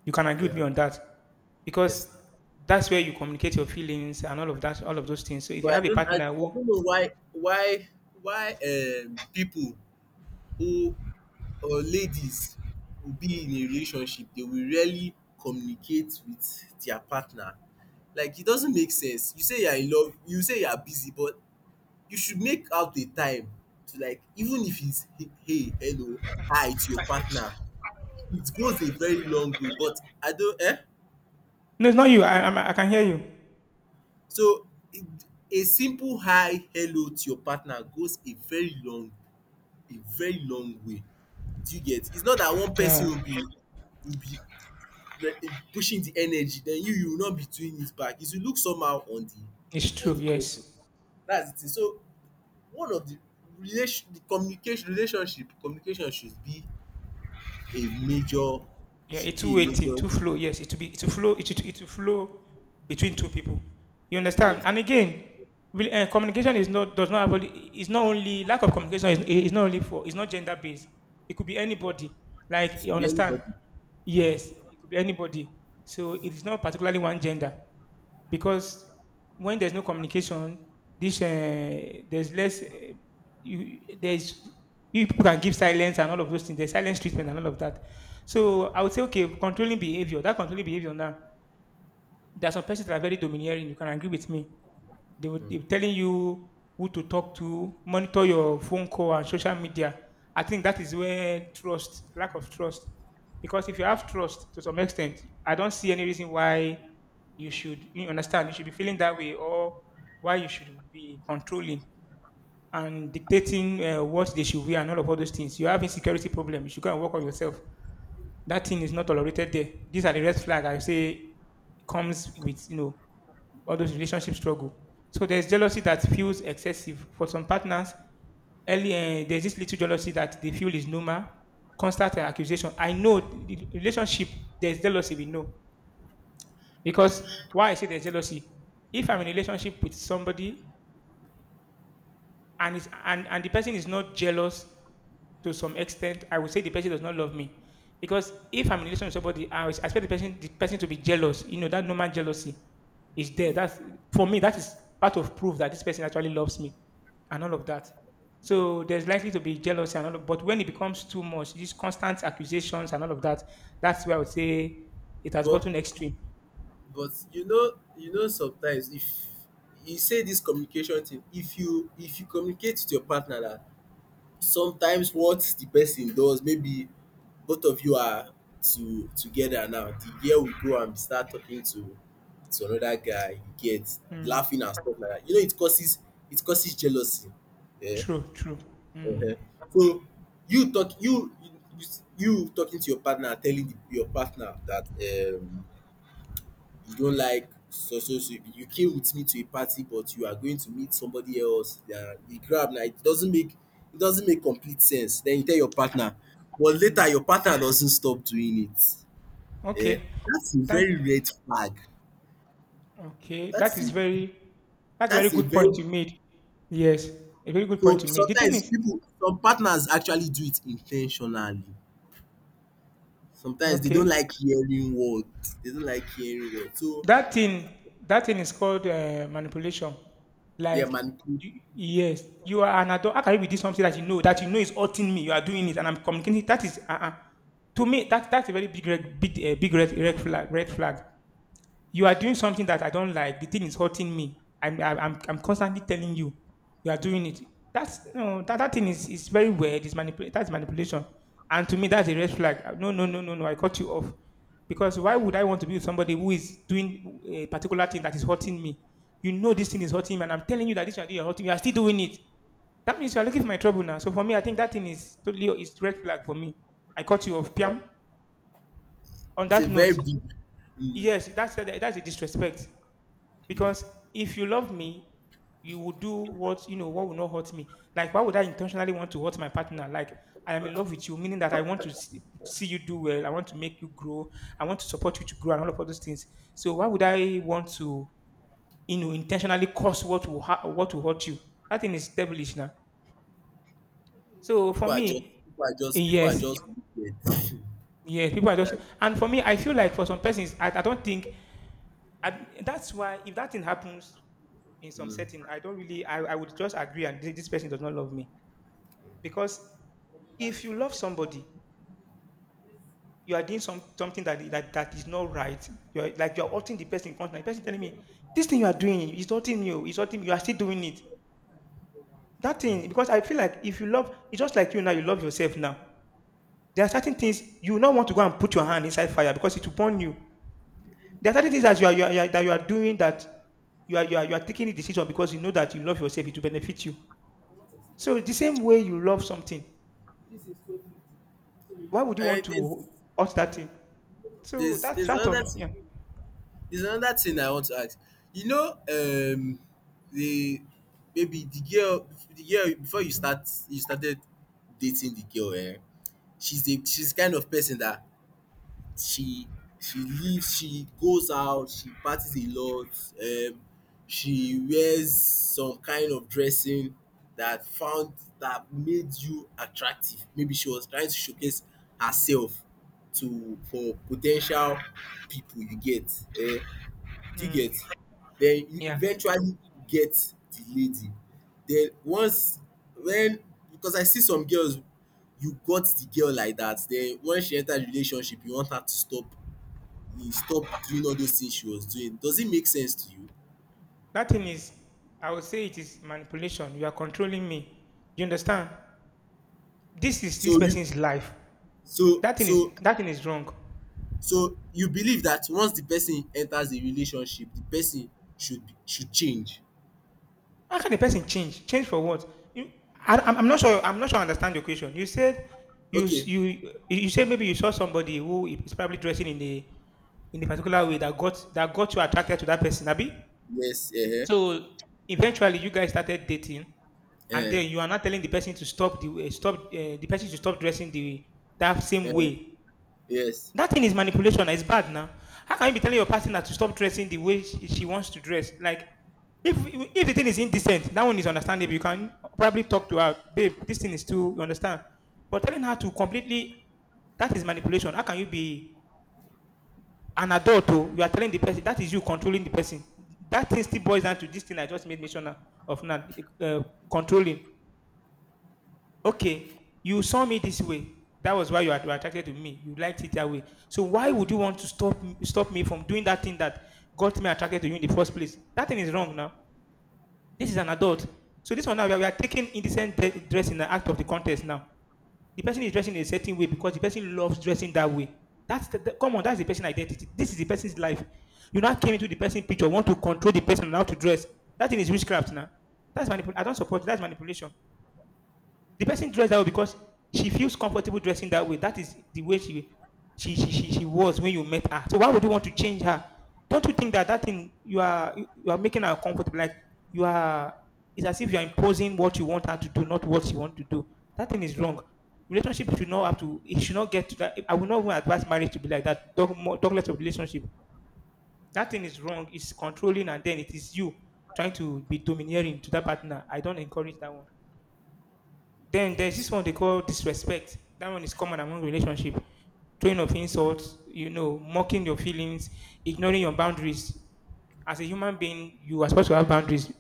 You can agree with
Yeah.
me on that
Yes,
because
now.
that's where you communicate your feelings and all of that, all of those things. So if you
But
have
I
a
don't.
partner
I
who,
don't know why. People who, or ladies, will be in a relationship, they will rarely communicate with their partner. Like, it doesn't make sense. You say you are in love. You say you are busy, but you should make out the time to, like, even if it's hey, hello, hi to your partner. It goes a
I cannot
very
be around.
long way. But I don't. Eh.
No, it's not you. I can hear you.
So it, a simple hi, hello to your partner goes a very long way. Do you get? It's not that one person
Yeah,
will be, will be pushing the energy. Then you will not be doing it back. It will look somehow on
it's
the,
true.
person.
Yes.
That's the thing. So one of the relation the communication, relationship communication should be a major,
Yeah, a
should be a
two-way thing,
major
two flow. Yes, it will flow. It will flow between two people. You understand?
yes,
And again, communication is not does not have is not only lack of communication is not only for it's not gender based. It could be anybody. Like you
should be
understand?
everybody.
Yes, it could be anybody. So it is not particularly one gender because when there's no communication, this there's less you, there's people can give silence and all of those things. There's silence treatment and all of that. So I would say, okay, controlling behavior. That controlling behavior now. There are some persons that are very domineering. You can agree with me. They will be telling you who to talk to, monitor your phone call and social media. I think that is where lack of trust, because if you have trust to some extent, I don't see any reason why you should you understand you should be feeling that way or why you should be controlling and dictating what they should wear and all of all those things. You have insecurity problem. You should go and work on yourself. That thing is not tolerated there. These are the red flag I say it comes with all those relationship struggle. So there's jealousy that feels excessive for some partners. Early, there's this little jealousy that they feel is normal. Constant accusation. I know the relationship. There's jealousy. We know because why I say there's jealousy. If I'm in a relationship with somebody and the person is not jealous to some extent, I would say the person does not love me. Because if I'm in a relationship with somebody, I would expect the person to be jealous. You know, that normal jealousy is there. That's for me, that is part of proof that this person actually loves me and all of that. So there's likely to be jealousy and all of, but when it becomes too much, these constant accusations and all of that, that's where I would say it has
But
gotten extreme.
you know sometimes, if you say this communication thing, if you communicate with your partner that sometimes what the person does, maybe both of you are to together, now the girl will go and start talking to another guy, you get,
Mm,
laughing and stuff like that. You know, it causes, jealousy. Yeah.
true, true. Mm,
Uh-huh. So you talk, you talking to your partner, telling your partner that, um you don't like, so so so you came with me to a party, but you are going to meet somebody else, yeah, the grab now. It doesn't make, complete sense. Then you tell your partner, but later
mm.
your partner doesn't stop doing it. Yeah,
Okay.
that's a
Thank
very red flag.
Okay, that
That's a
is very that's a very
that's a
good point
very
you made. Yes, a very good point
So
you made. The thing
sometimes
is,
people, some partners actually do it intentionally. Sometimes they don't
okay,
like hearing words, they don't like hearing word so
that thing that thing is called manipulation.
yeah,
Like,
man,
yes, you are an adult. How can you be doing something that you know is hurting me? You are doing it, and I'm communicating. That is, to me, that's a very big big red flag. Red flag. You are doing something that I don't like. The thing is hurting me. I'm constantly telling you, you are doing it. That's no that, That thing is very weird. That's manipulation. And to me that's a red flag. No. I cut you off. Because why would I want to be with somebody who is doing a particular thing that is hurting me? You know this thing is hurting me, and I'm telling you that this thing is hurting you. You are still doing it. That means you are looking for my trouble now. So for me, I think that thing is totally is red flag for me. I cut you off, Piam. On
it's a
that
very
note,
big, mm
yes, that's a disrespect. Because if you love me, you will do what you know what will not hurt me. Like why would I intentionally want to hurt my partner? Like I am in love with you, meaning that I want to see you do well. I want to make you grow. I want to support you to grow and all of all those things. So why would I want to intentionally cause what will what will hurt you? That thing is devilish now. So for
people are just,
me,
people are just people are
yes,
just wicked.
yes, people are just
That,
and for me, I feel like for some persons, I don't think that's why if that thing happens in some
mm.
setting I don't really I would just agree and this person does not love me because if you love somebody you are doing something that that is not right you're hurting the person constantly the person telling me this thing you are doing is hurting you it's hurting you are still doing it that thing because I feel like if you love it's just like you now you love yourself now there are certain things you will not want to go and put your hand inside fire because it will burn you there are certain things that you are, you are, you are that you are doing that you are taking a decision because you know that you love yourself it will benefit you so the same way you love something why would you want
Eh,
to watch that thing? So that's
there's
that
another
on
thing,
yeah.
I want to ask. You know, the maybe the girl, before you started dating the girl, eh? She's the, kind of person that she she lives, she goes out, she parties a lot, um she wears some kind of dressing that found, that made you attractive. Maybe she was trying to showcase herself to, for potential people, you get, eh. Do you
Hmm.
get? Then you
Yeah.
eventually get the lady. Then once when, because I see some girls, you got the girl like that, then when she enters relationship, you want her to stop, you stop doing all those things she was doing. Does it make sense to you?
That thing is I would say it is manipulation. You are controlling me. You understand? This is this
So you,
person's life.
so so
That thing is wrong.
so you believe that once the person enters a relationship, the person should be, should change.
How can a person change? Change for what? You, I'm not sure. I'm not sure. I understand your question. You said
Okay.
you said maybe you saw somebody who is probably dressing in the in a particular way that got you attracted to that person. Abi?
Yes, uh-huh.
So eventually, you guys started dating, and
Uh-huh.
then you are not telling the person to stop the person to stop dressing the that same
Uh,
way.
yes.
That thing is manipulation. It's bad now. How can you be telling your partner to stop dressing the way she wants to dress? Like, if if the thing is indecent, that one is understandable. You can probably talk to her, babe. This thing is too. You understand? But telling her to completely that is manipulation. How can you be an adult? Oh, you are telling the person — that is you controlling the person. That thing still boils down to this thing I just made mention of now, uh, controlling. Okay, you saw me this way. That was why you were attracted to me. You liked it that way. So why would you want to stop me from doing that thing that got me attracted to you in the first place? That thing is wrong now. This is an adult. So this one now, we are taking indecent dress in the act of the contest now. The person is dressing in a certain way because the person loves dressing that way. That's come on, that's the person identity. This is the person's life. You now came into the person picture, want to control the person on how to dress. That thing is witchcraft now. That's manipulation. I don't support it. That's manipulation. The person dressed that way because she feels comfortable dressing that way. That is the way she was when you met her. So why would you want to change her? Don't you think that that thing you are making her comfortable? Like you are, it's as if you are imposing what you want her to do, not what she want to do. That thing is wrong. Relationship should not have to. It should not get to that. I will not even advise marriage to be like that. Talk more, talk less of relationship. That thing is wrong. It's controlling, and then it is you trying to be domineering to that partner. I don't encourage that one. Then
Okay,
there's
so
this one they call disrespect. That one is common among relationship. Throwing of insults, mocking your feelings, ignoring your boundaries. As a human being, you are supposed to have boundaries.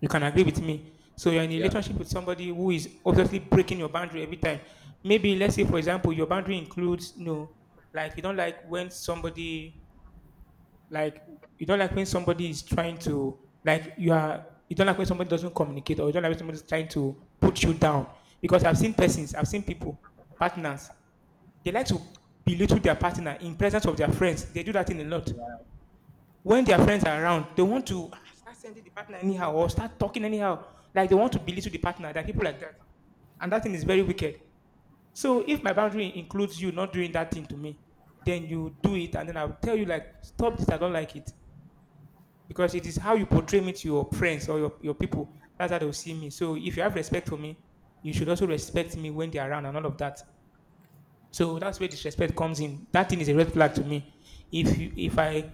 You can agree with me. So you're in a
yeah.
relationship with somebody who is obviously breaking your boundary every time. Maybe let's say, for example, your boundary includes, you know, like you don't like when somebody, like, you don't like when somebody is trying to, like, you are, you don't like when somebody doesn't communicate, or you don't like when somebody's trying to put you down. Because I've seen persons, I've seen people, partners, they like to belittle their partner in presence of their friends. They do that thing a lot. When their friends are around, they want to, ah, start sending the partner anyhow or start talking anyhow. Like they want to belittle the partner. There are people like that. And that thing is very wicked. So if my boundary includes you not doing that thing to me, then you do it and then I'll tell you, like, stop this, I don't like it, because it is how you portray me to your friends or your people. That's how they'll see me. So if you have respect for me, you should also respect me when they're around and all of that. So that's where disrespect comes in. That thing is a red flag to me. If you if I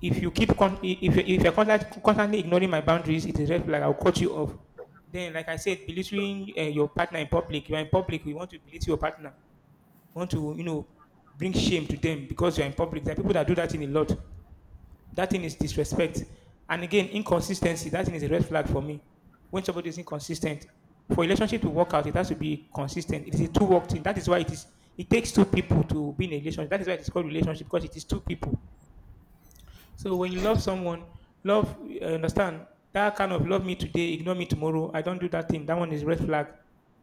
if you keep con- if you- if you're constantly ignoring my boundaries, it's a red flag. I'll cut you off. Then, like I said, belittling your partner in public. You are in public. We want to belittle your partner. We want to, you know, bring shame to them because you are in public. There are people that do that in a lot. That thing is disrespect. And again, inconsistency. That thing is a red flag for me. When somebody is inconsistent, for a relationship to work out, it has to be consistent. It is a two-work thing. That is why it is. It takes two people to be in a relationship. That is why it is called relationship, because it is two people. So when you love someone, love. Understand that kind of love me today, ignore me tomorrow. I don't do that thing. That one is red flag.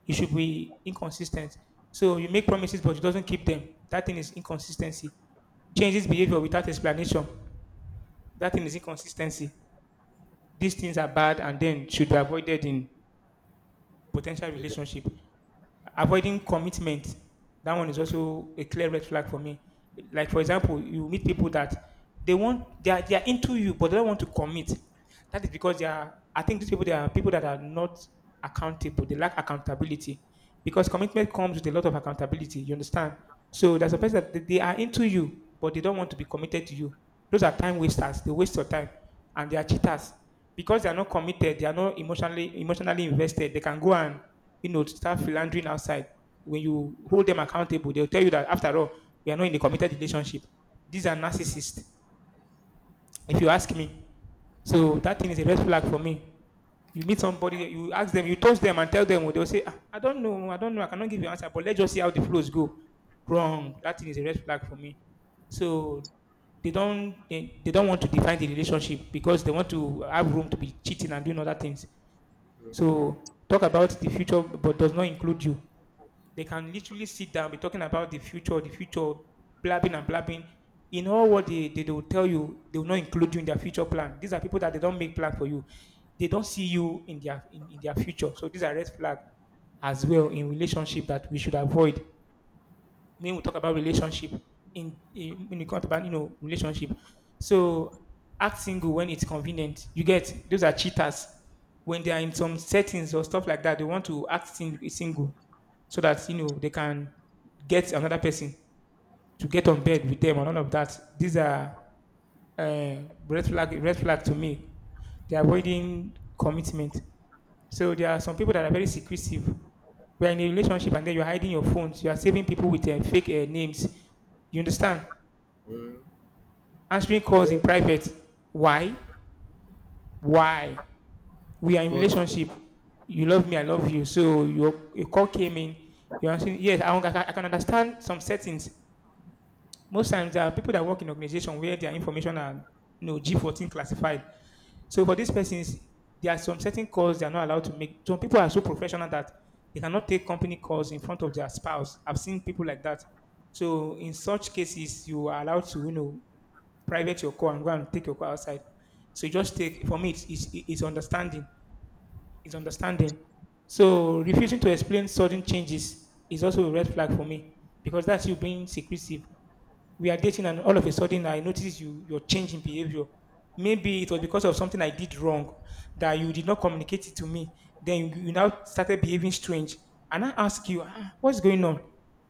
You should be inconsistent. So you make promises, but you doesn't keep them. That thing is inconsistency. Changes behavior without explanation. That thing is inconsistency. These things are bad and then should be avoided in potential relationship. Avoiding commitment, that one is also a clear red flag for me. Like for example, you meet people that they are into you, but they don't want to commit. That is because they are. I think these people, they are people that are not accountable. They lack accountability, because commitment comes with a lot of accountability. You understand? So there's a
Mm,
person that they are into you, but they don't want to be committed to you. Those are time wasters. They waste your time, and they are cheaters, because they are not committed, they are not emotionally invested. They can go and, you know, start philandering outside. When you hold them accountable, they'll tell you that, after all, we are not in a committed relationship. These are narcissists, if you ask me. So that thing is a red flag for me. You meet somebody, you ask them, you touch them and tell them, they'll say, "Ah, I don't know, I don't know, I cannot give you an answer, but let's just see how the flows go." Wrong. That thing is a red flag for me. So they don't want to define the relationship because they want to have room to be cheating and doing other things. So talk about the future but does not include you. They can literally sit down, be talking about the future, blabbing and blabbing. In all what they will tell you, they will not include you in their future plan. These are people that they don't make plan for you. They don't see you in their future. So these are red flag as well in relationship that we should avoid when we talk about relationship, in when you talk about, you know, relationship. So act single when it's convenient, you get, those are cheaters. When they are in some settings or stuff like that, they want to act single so that, you know, they can get another person to get on bed with them and all of that. These are uh, red flag to me. They're avoiding commitment. So there are some people that are very secretive. We are in a relationship and then you're hiding your phones. You are saving people with fake names. You understand?
hmm.
Answering calls in
But
private. Why? Why? We are in
but
relationship. You love me, I love you. So your call came in. You're answering. Yes, I can understand some settings. Most times there are people that work in organization where their information are, you know, G14 classified. So for these persons, there are some certain calls they are not allowed to make. Some people are so professional that they cannot take company calls in front of their spouse. I've seen people like that. So in such cases, you are allowed to, you know, private your call and go and take your call outside. So you just take, for me, it's understanding, is understanding. So refusing to explain sudden changes is also a red flag for me because that's you being secretive. We are dating and all of a sudden I notice your are changing behavior. Maybe it was because of something I did wrong that you did not communicate it to me. Then you now started behaving strange. And I ask you, "Ah, what's going on?"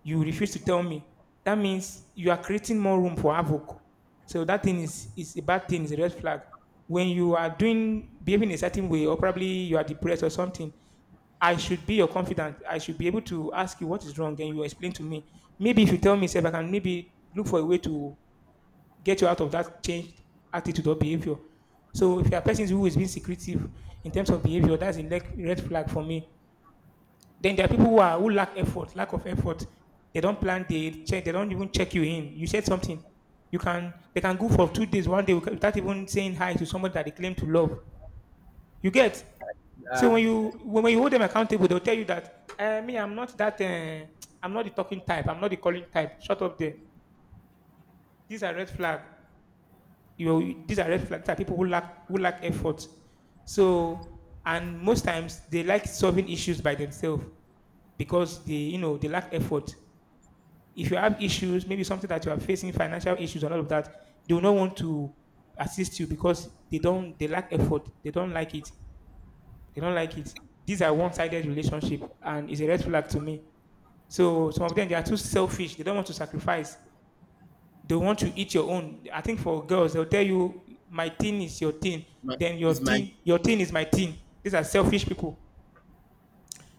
You refuse to tell me. That means you are creating more room for havoc. So that thing is a bad thing, is a red flag. When you are doing behaving a certain way, or probably you are depressed or something, I should be your confidant. I should be able to ask you what is wrong, and you explain to me. Maybe if you tell me, if I can maybe look for a way to get you out of that changed attitude or behavior. So if you are a person who is being secretive in terms of behavior, that's a red flag for me. Then there are people who lack effort, lack of effort. They don't plan. They check. They don't even check you in. You said something. You can. They can go for 2 days, one day, without even saying hi to someone that they claim to love. You get. So
uh,
when you hold them accountable, they'll tell you that, me, I'm not that. I'm not the talking type. I'm not the calling type. Shut up there. These are red flags, you know, these are red flags that people who lack effort. So, and most times they like solving issues by themselves because they lack effort. If you have issues, maybe something that you are facing, financial issues and all of that, they will not want to assist you because they lack effort. They don't like it. They don't like it. These are one-sided relationship, and it's a red flag to me. So some of them they are too selfish. They don't want to sacrifice, they want to eat your own. I think for girls, they'll tell you, my thing is your thing,
my,
then
it's my,
your thing is my thing. These are selfish people.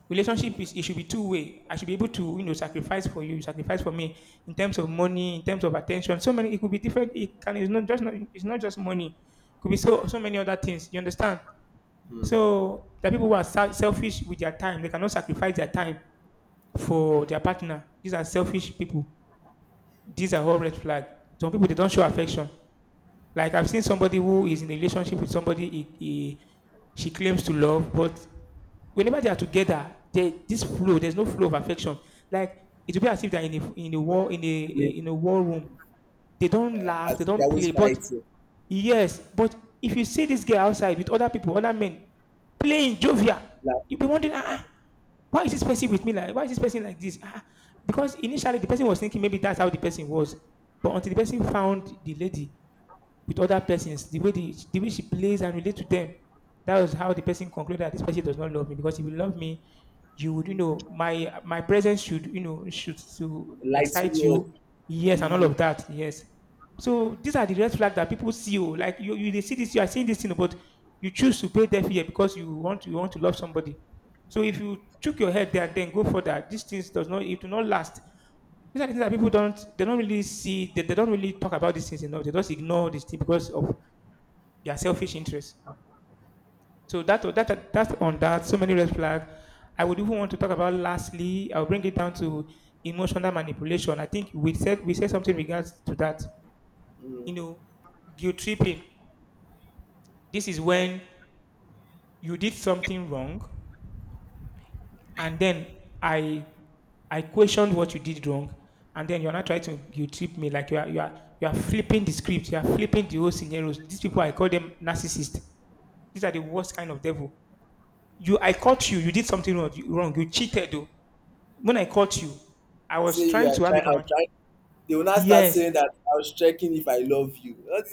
Relationship is it should be two way. I should be able to sacrifice for you, sacrifice for me in terms of money, in terms of attention. So many it could be different. It can it's not just not it's not just money. It could be so so many other things. You understand?
hmm.
So the people who are selfish with their time, they cannot sacrifice their time for their partner. These are selfish people. These are all red flag. Some people they don't show affection. Like I've seen somebody who is in a relationship with somebody she claims to love, but whenever they are together, they, this flow, there's no flow of affection. Like it will be as if they're in a war in a
Yeah,
in a war room. They don't
I
laugh, they
think they're
don't
always
play. But
fighting,
yes, but if you see this girl outside with other people, other men playing jovial,
like
you'll be wondering, ah, ah, why is this person with me like why is this person like this? Ah, ah, because initially the person was thinking maybe that's how the person was, but until the person found the lady, with other persons, the way the way she plays and relate to them. That was how the person concluded that this person does not love me because if you love me, you would my presence should should to
lighting
excite
you up.
you. Yes, and all
Mm,
of that. Yes. So these are the red flags that people see. Oh, like you they see this, you are seeing this thing, but you choose to pay deaf ear because you want to love somebody. So if you took your head there, then go for that. These things does not it will not last. These are things that people don't they don't really see, they don't really talk about these things enough. They just ignore these things because of their selfish interests. So that's on that, so many red flags. I would even want to talk about lastly, I'll bring it down to emotional manipulation. I think we said something in regards to that. You know, guilt tripping. This is when you did something wrong, and then I I questioned what you did wrong, and then you're not trying to you trip me like you are flipping the script, you are flipping the whole scenarios. These people I call them narcissists. These are the worst kind of devil. You I caught you, you did something wrong. You cheated though. When I caught you, I was
say you
trying
are
to have a
trying. I was
comment.
trying. They will not start
Yes,
saying that I was checking if I love you. That's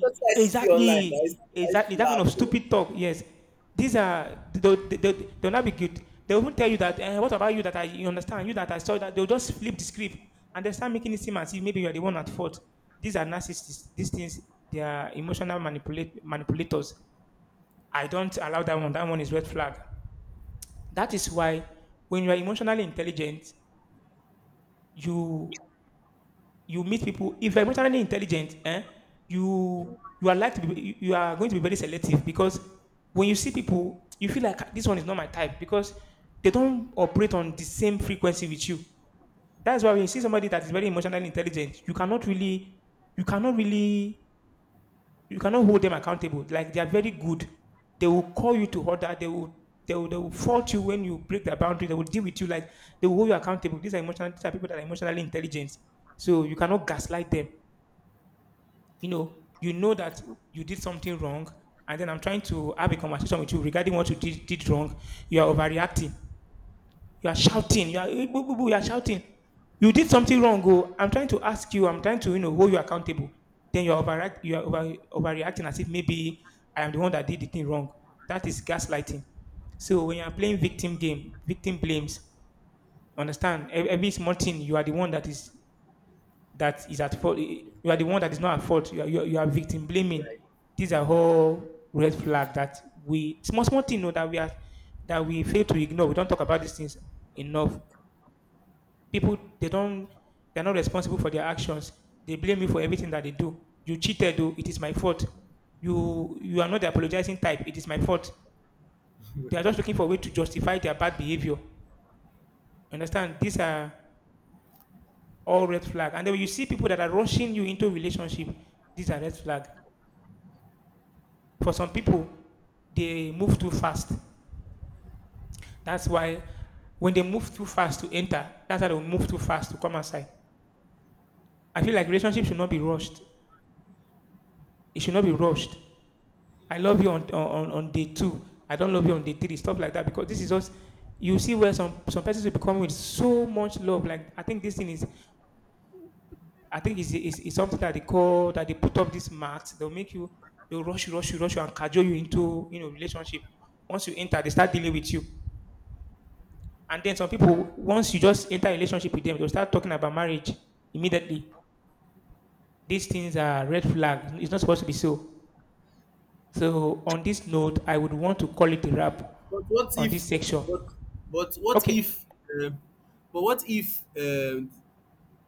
what I see online.
exactly,
I used
exactly.
to
That
laugh,
kind of
oh.
stupid talk. Yes, these are they'll not be good. They won't tell you that. Eh, what about you that I you understand? You that I saw that they'll just flip the script and they start making it seem as if maybe you are the one at fault. These are narcissists. These things they are emotional manipulate manipulators. I don't allow that one. That one is red flag. That is why when you are emotionally intelligent, you you meet people. If you're emotionally intelligent, eh, you you are like to be, you are going to be very selective because when you see people, you feel like, ah, this one is not my type because they don't operate on the same frequency with you. That's why when you see somebody that is very emotionally intelligent, you cannot really, you cannot hold them accountable. Like they are very good. They will call you to order. They will fault you when you break their boundary. They will deal with you like they will hold you accountable. These are emotional, these are people that are emotionally intelligent. So you cannot gaslight them, you know, you know that you did something wrong, and then I'm trying to have a conversation with you regarding what did wrong. You are overreacting. You are shouting. You are, eh, boo, boo, boo, you are shouting. You did something wrong. Oh, I'm trying to ask you. I'm trying to hold you accountable. Then You are overreacting as if maybe I am the one that did the thing wrong. That is gaslighting. So when you are playing victim game, victim blames, understand, every small thing you are the one that is at fault. You are the one that is not at fault. You are victim blaming. These are all red flags that we small small thing, that we are that we fail to ignore. We don't talk about these things enough. People they don't they are not responsible for their actions. They blame you for everything that they do. You cheated, though. It is my fault. You are not the apologizing type. It is my fault. They are just looking for a way to justify their bad behavior. Understand? These are all red flags. And then when you see people that are rushing you into a relationship, these are red flags. For some people, they move too fast. That's why when they move too fast to enter, that's how they move too fast to come outside. I feel like relationship should not be rushed. It should not be rushed. I love you on, on day two. I don't love you on day three. Stuff like that because this is us. You see where some persons will become with so much love. Like I think this thing is, I think is something that they call that they put up these marks. They'll make you, they'll rush you, rush you, rush you, and cajole you into relationship. Once you enter, they start dealing with you. And then some people, once you just enter a relationship with them, they'll start talking about marriage immediately. These things are red flags. It's not supposed to be so. So on this note, I would want to call it a wrap
But what
on
if?
this section.
But but what
Okay.
if? Um, but what if?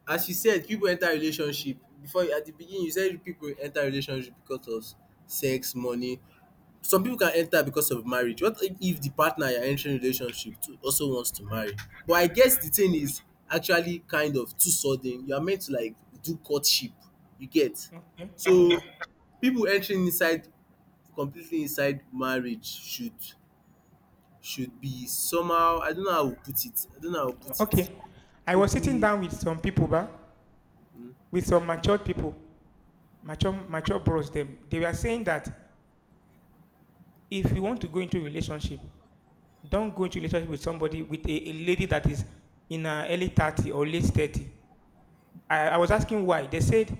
As you said, people enter relationship before at the beginning. You said people enter relationship because of sex, money. Some people can enter because of marriage. What if the partner you are entering relationship to also wants to marry? But I guess the thing is actually kind of too sudden. You are meant to like do courtship, you get.
Okay.
So people entering inside completely inside marriage should, be somehow. I don't know how I put it, I don't know how I put
Okay.
it.
I was
Should
sitting
be,
down with some people, ba, with some matured people, mature bros them. They were saying that if you want to go into a relationship, don't go into a relationship with somebody with a lady that is in her early 30 or late 30. I was asking why. They said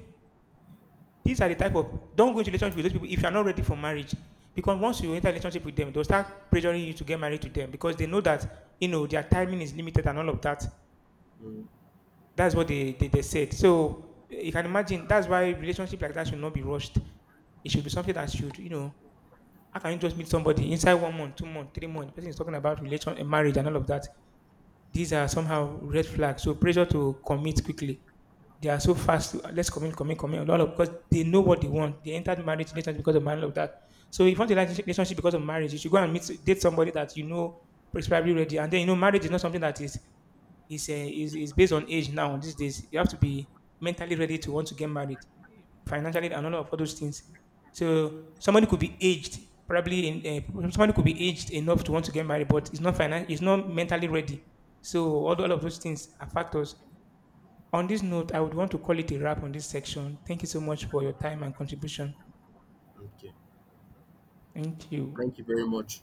these are the type of, don't go into relationship with those people if you are not ready for marriage. Because once you enter a relationship with them, they'll start pressuring you to get married to them because they know that their timing is limited and all of that.
um
That's what they said. So eh, you can imagine that's why relationship like that should not be rushed. It should be something that should, you know, how can you just meet somebody inside 1 month, 2 months, 3 months? The person is talking about relation and marriage and all of that. These are somehow red flags. So pressure to commit quickly. They are so fast. To, ah, let's commit, commit, commit. All of, because they know what they want. They entered marriage relationship because of marriage of that. So if you want a relationship because of marriage, you should go and meet date somebody that you know is probably ready. And then you know marriage is not something that is it's, it's based on age now. These days, you have to be mentally ready to want to get married, financially, and all of all those things. So somebody could be aged, probably in somebody could be aged enough to want to get married, but it's not it's not mentally ready. So all of those things are factors. On this note, I would want to call it a wrap on this section. Thank you so much for your time and contribution.
okay.
Thank you.
Thank you very much.